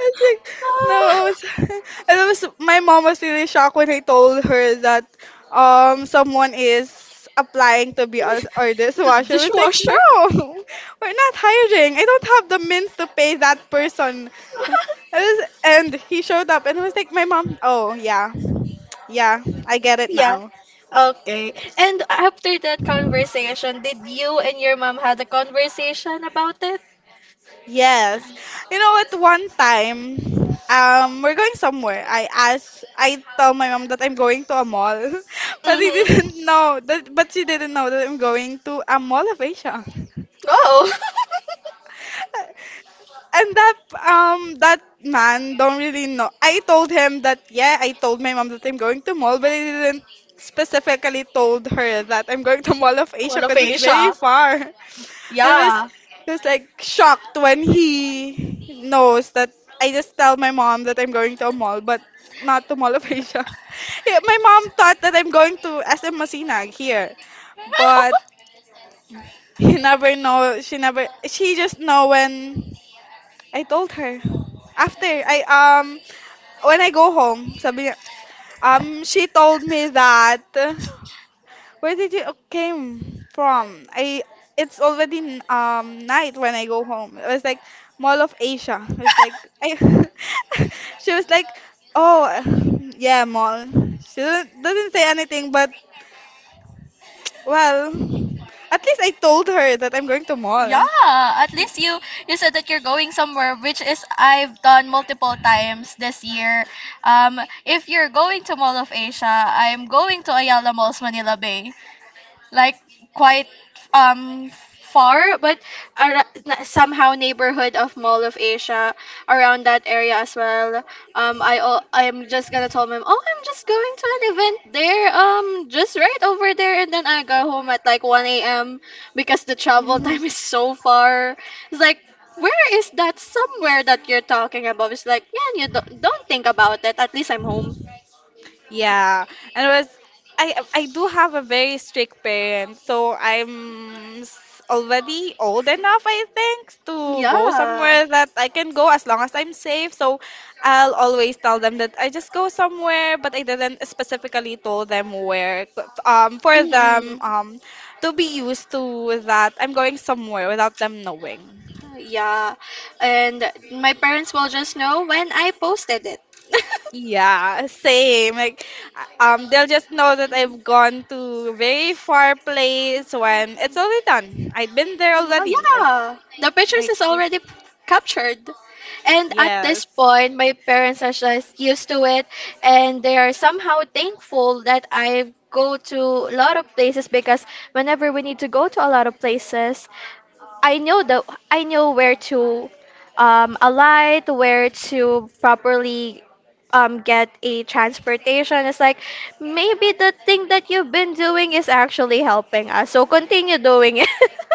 Speaker 2: I think no, I was, I was my mom was really shocked when I told her that, um, someone is applying to be us or
Speaker 1: The
Speaker 2: dishwasher. I was like,
Speaker 1: dishwasher?
Speaker 2: no, we're not hiring. I don't have the means to pay that person. I was, and he showed up and I was like, my mom, oh yeah, yeah, I get it
Speaker 1: Yeah.
Speaker 2: now.
Speaker 1: Okay. And after that conversation, did you and your mom had a conversation about it?
Speaker 2: Yes. You know, at one time, we're going somewhere. I tell my mom that I'm going to a mall, but he
Speaker 1: Mm-hmm.
Speaker 2: didn't know that, but she didn't know that I'm going to a mall of Asia.
Speaker 1: Oh.
Speaker 2: And that, um, that man don't really know. I told him that, yeah, I told my mom that I'm going to mall, but I didn't specifically told her that I'm going to Mall of Asia
Speaker 1: All of
Speaker 2: because it's very
Speaker 1: Asia.
Speaker 2: far. I
Speaker 1: Yeah.
Speaker 2: was like shocked when he knows that I just tell my mom that I'm going to a mall, but not to Mall of Asia. Yeah, my mom thought that I'm going to SM Masinag here, but he never know. She never. She just know when. I told her. After I when I go home, sabi niya, um, she told me that, where did you came from? I it's already night when I go home. It was like Mall of Asia. It was like I she was like, "Oh, yeah, mall." She doesn't say anything, but well, at least I told her that I'm going to mall.
Speaker 1: Yeah, at least you, you said that you're going somewhere, which is I've done multiple times this year. If you're going to Mall of Asia, I'm going to Ayala Malls Manila Bay, like quite um far, but somehow neighborhood of Mall of Asia, around that area as well. I'm just gonna tell them, oh, I'm just going to an event there, just right over there, and then I go home at like 1 a.m. because the travel time is so far. It's like, where is that somewhere that you're talking about? It's like, yeah, you don't think about it. At least I'm home.
Speaker 2: Yeah, and it was I do have a very strict parent, so already old enough, I think, to go
Speaker 1: Yeah.
Speaker 2: somewhere that I can go as long as I'm safe. So I'll always tell them that I just go somewhere, but I didn't specifically tell them where. For them, to be used to that I'm going somewhere without them knowing.
Speaker 1: Yeah, and my parents will just know when I posted it.
Speaker 2: Yeah, same. Like, they'll just know that I've gone to very far place when it's already done. I've been there
Speaker 1: Well,
Speaker 2: already.
Speaker 1: yeah, the pictures
Speaker 2: Like,
Speaker 1: is already captured. And at
Speaker 2: yes.
Speaker 1: this point, my parents are just used to it, and they are somehow thankful that I go to a lot of places because whenever we need to go to a lot of places, I know the I know where to alight, where to properly get a transportation. It's like, maybe the thing that you've been doing is actually helping us. So continue doing it.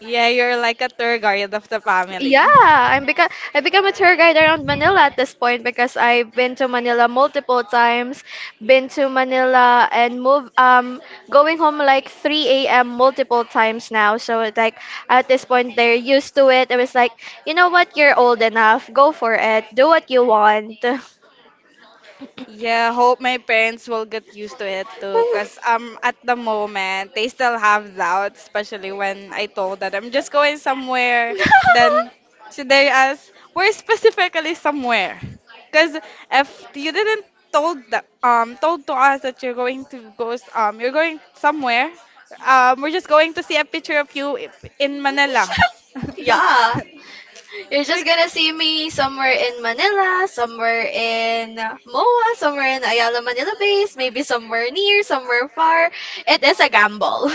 Speaker 2: Yeah, you're like a tour guide of the family.
Speaker 1: Yeah, I become a tour guide around Manila at this point because I've been to Manila multiple times, been to Manila and move going home like 3 a.m. multiple times now. So it's like, at this point they're used to it. It was like, you know what, you're old enough. Go for it. Do what you want.
Speaker 2: Yeah, hope my parents will get used to it too. Cause, um, at the moment they still have doubts, especially when I told that I'm just going somewhere. Then so they ask, where specifically somewhere? Cause if you didn't told the, told to us that you're going to you're going somewhere, um, we're just going to see a picture of you in Manila.
Speaker 1: Yeah. You're just
Speaker 2: like,
Speaker 1: gonna see me somewhere in Manila, somewhere in MOA, somewhere in Ayala Manila Base, maybe somewhere near, somewhere far. It is a gamble.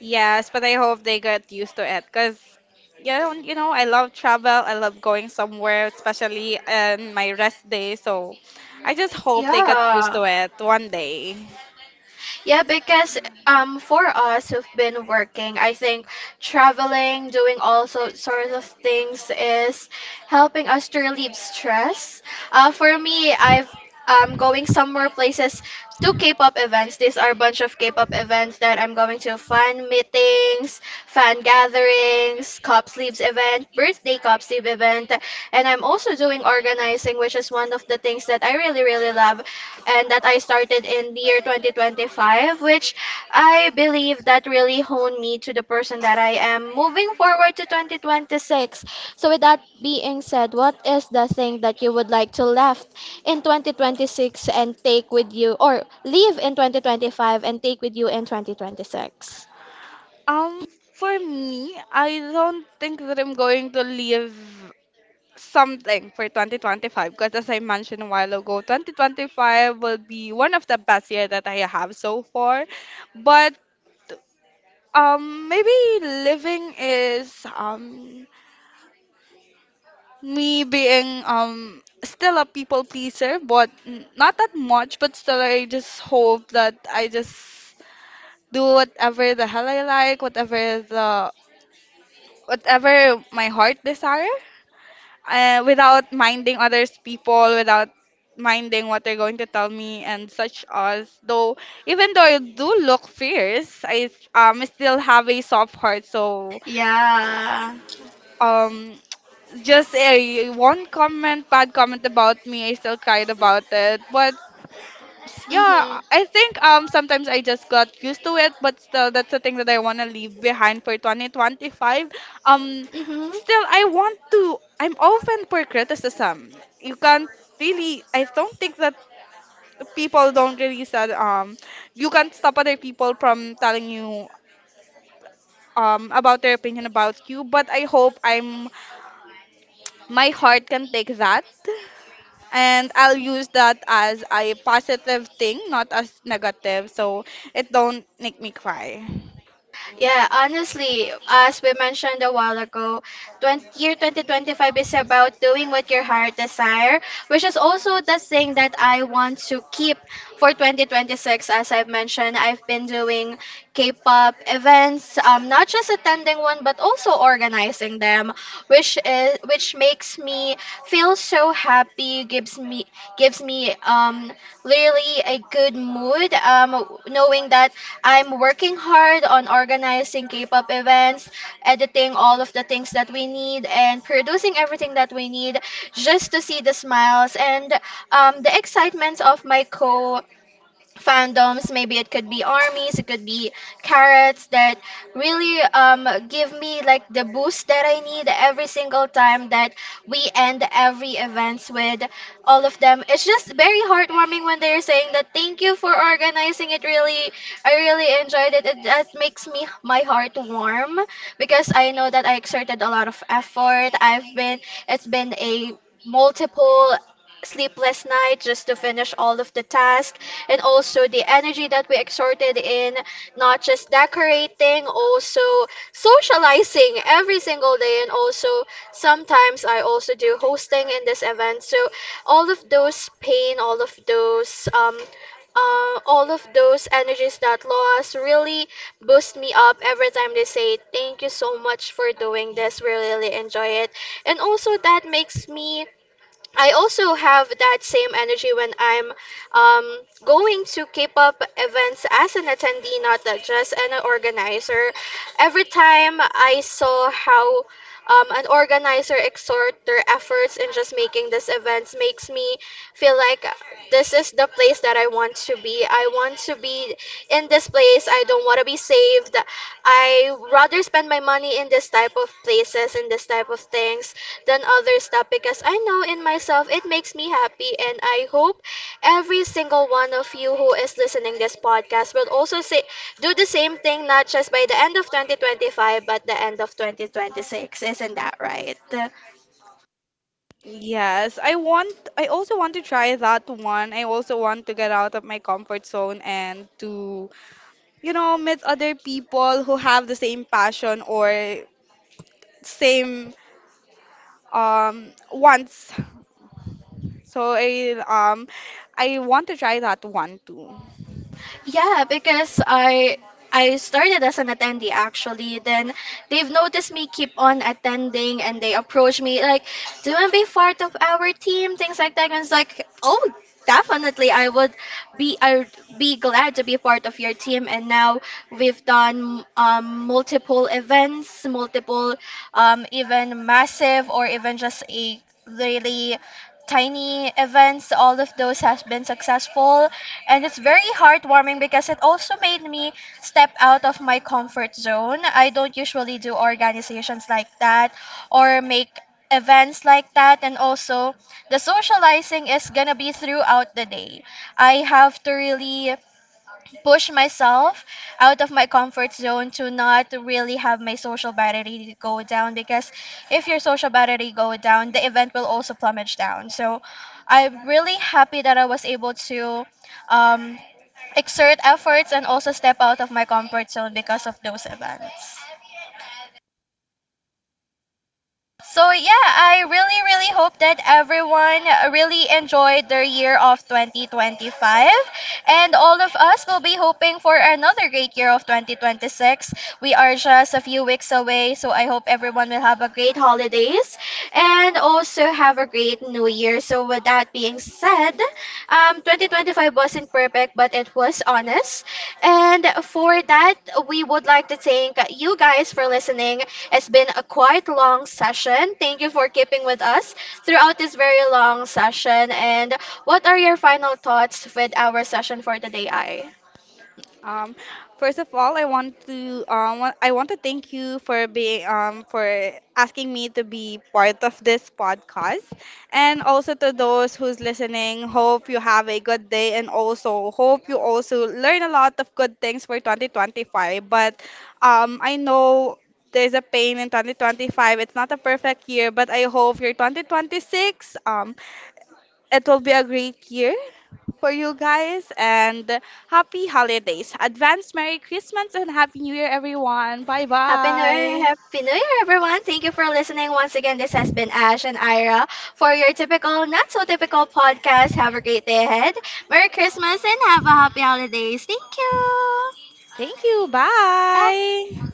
Speaker 2: yes, but I hope they get used to it because you know, I love travel. I love going somewhere, especially in my rest day. So I just hope they get used
Speaker 1: Yeah.
Speaker 2: to it one day.
Speaker 1: Yeah, because for us who've been working, I think traveling, doing all sorts of things is helping us to relieve stress. For me, I've going somewhere places to K-pop events. These are a bunch of K-pop events that I'm going to, fan meetings, fan gatherings, cop sleeves event, birthday cop sleeve event, and I'm also doing organizing, which is one of the things that I really love, and that I started in the year 2025, which I believe that really honed me to the person that I am moving forward to 2026. So, with that being said, what is the thing that you would like to left in 2026 and take with you, or leave in 2025 and take with you in 2026?
Speaker 2: Um, for me, I don't think that I'm going to leave something for 2025 because, as I mentioned a while ago, 2025 will be one of the best year that I have so far. But, maybe living is, um, me being, um, still a people pleaser, but not that much, but still I just hope that I just do whatever the hell I like, whatever my heart desire, without minding others people, without minding what they're going to tell me and such as. Though even though I do look fierce, I, um, still have a soft heart, so,
Speaker 1: Yeah.
Speaker 2: um, just a one comment, bad comment about me, I still cried about it. But yeah, I
Speaker 1: Mm-hmm.
Speaker 2: think, um, sometimes I just got used to it, but still that's the thing that I want to leave behind for 2025. Um,
Speaker 1: Mm-hmm.
Speaker 2: still I want to, I'm open for criticism. You can't, really I don't think that people don't really said, um, you can't stop other people from telling you, um, about their opinion about you, but I hope I'm, my heart can take that. And I'll use that as a positive thing, not as negative, so it don't make me cry.
Speaker 1: Yeah, honestly, as we mentioned a while ago, year 2025 is about doing what your heart desire, which is also the thing that I want to keep for 2026. As I've mentioned, I've been doing K-pop events, not just attending one, but also organizing them, which makes me feel so happy, gives me really a good mood, knowing that I'm working hard on organizing K-pop events, editing all of the things that we need, and producing everything that we need just to see the smiles and the excitement of my co fandoms. Maybe it could be armies, it could be carrots, that really give me like the boost that I need every single time that we end every events with all of them. It's just very heartwarming when they're saying that, "Thank you for organizing it, really I really enjoyed it," that makes me my heart warm because I know that I exerted a lot of effort. I've been it's been a multiple sleepless night just to finish all of the tasks, and also the energy that we exerted in not just decorating, also socializing every single day, and also sometimes I also do hosting in this event. So all of those pain, all of those energies that lost really boost me up every time they say, "Thank you so much for doing this, we really enjoy it." And also that makes me, I also have that same energy when I'm going to K-pop events as an attendee, not a- just an organizer. Every time I saw how an organizer exhort their efforts in just making these events makes me feel like this is the place that I want to be. I want to be in this place. I don't want to be saved. I rather spend my money in this type of places, in this type of things than other stuff, because I know in myself it makes me happy. And I hope every single one of you who is listening this podcast will also say, do the same thing not just by the end of 2025 but the end of 2026. Isn't that right?
Speaker 2: Yes, I also want to try that one. I also want to get out of my comfort zone and to, you know, meet other people who have the same passion or same, um, wants. So I want to try that one too.
Speaker 1: Yeah, because I started as an attendee actually. Then they've noticed me keep on attending and they approach me like, "Do you want to be part of our team?" Things like that. And it's like, "Oh, definitely. I'd be glad to be part of your team." And now we've done multiple events, multiple even massive or even just a really tiny events. All of those has been successful, and it's very heartwarming because it also made me step out of my comfort zone. I don't usually do organizations like that or make events like that, and also the socializing is gonna be throughout the day. I have to really push myself out of my comfort zone to not really have my social battery go down, because if your social battery go down, the event will also plummet down. So I'm really happy that I was able to um, exert efforts and also step out of my comfort zone because of those events. So yeah, I really really hope that everyone really enjoyed their year of 2025, and all of us will be hoping for another great year of 2026. We are just a few weeks away, so I hope everyone will have a great holidays and also have a great new year. So, with that being said, 2025 wasn't perfect, but it was honest. And for that, we would like to thank you guys for listening. It's been a quite long session. Thank you for keeping with us throughout this very long session. And what are your final thoughts with our session for today, I?
Speaker 2: Um, first of all, I want to I want to thank you for being, for asking me to be part of this podcast, and also to those who's listening. Hope you have a good day, and also hope you also learn a lot of good things for 2025. But, I know there's a pain in 2025. It's not a perfect year, but I hope your 2026, it will be a great year for you guys, and happy holidays. Advance Merry Christmas and Happy New Year, everyone. Bye
Speaker 1: Happy New Year,
Speaker 2: bye.
Speaker 1: Happy New Year, everyone. Thank you for listening once again. This has been Ash and Ira for your typical, not so typical podcast. Have a great day ahead. Merry Christmas and have a happy holidays. Thank you.
Speaker 2: Thank you.
Speaker 1: Bye.
Speaker 2: Bye.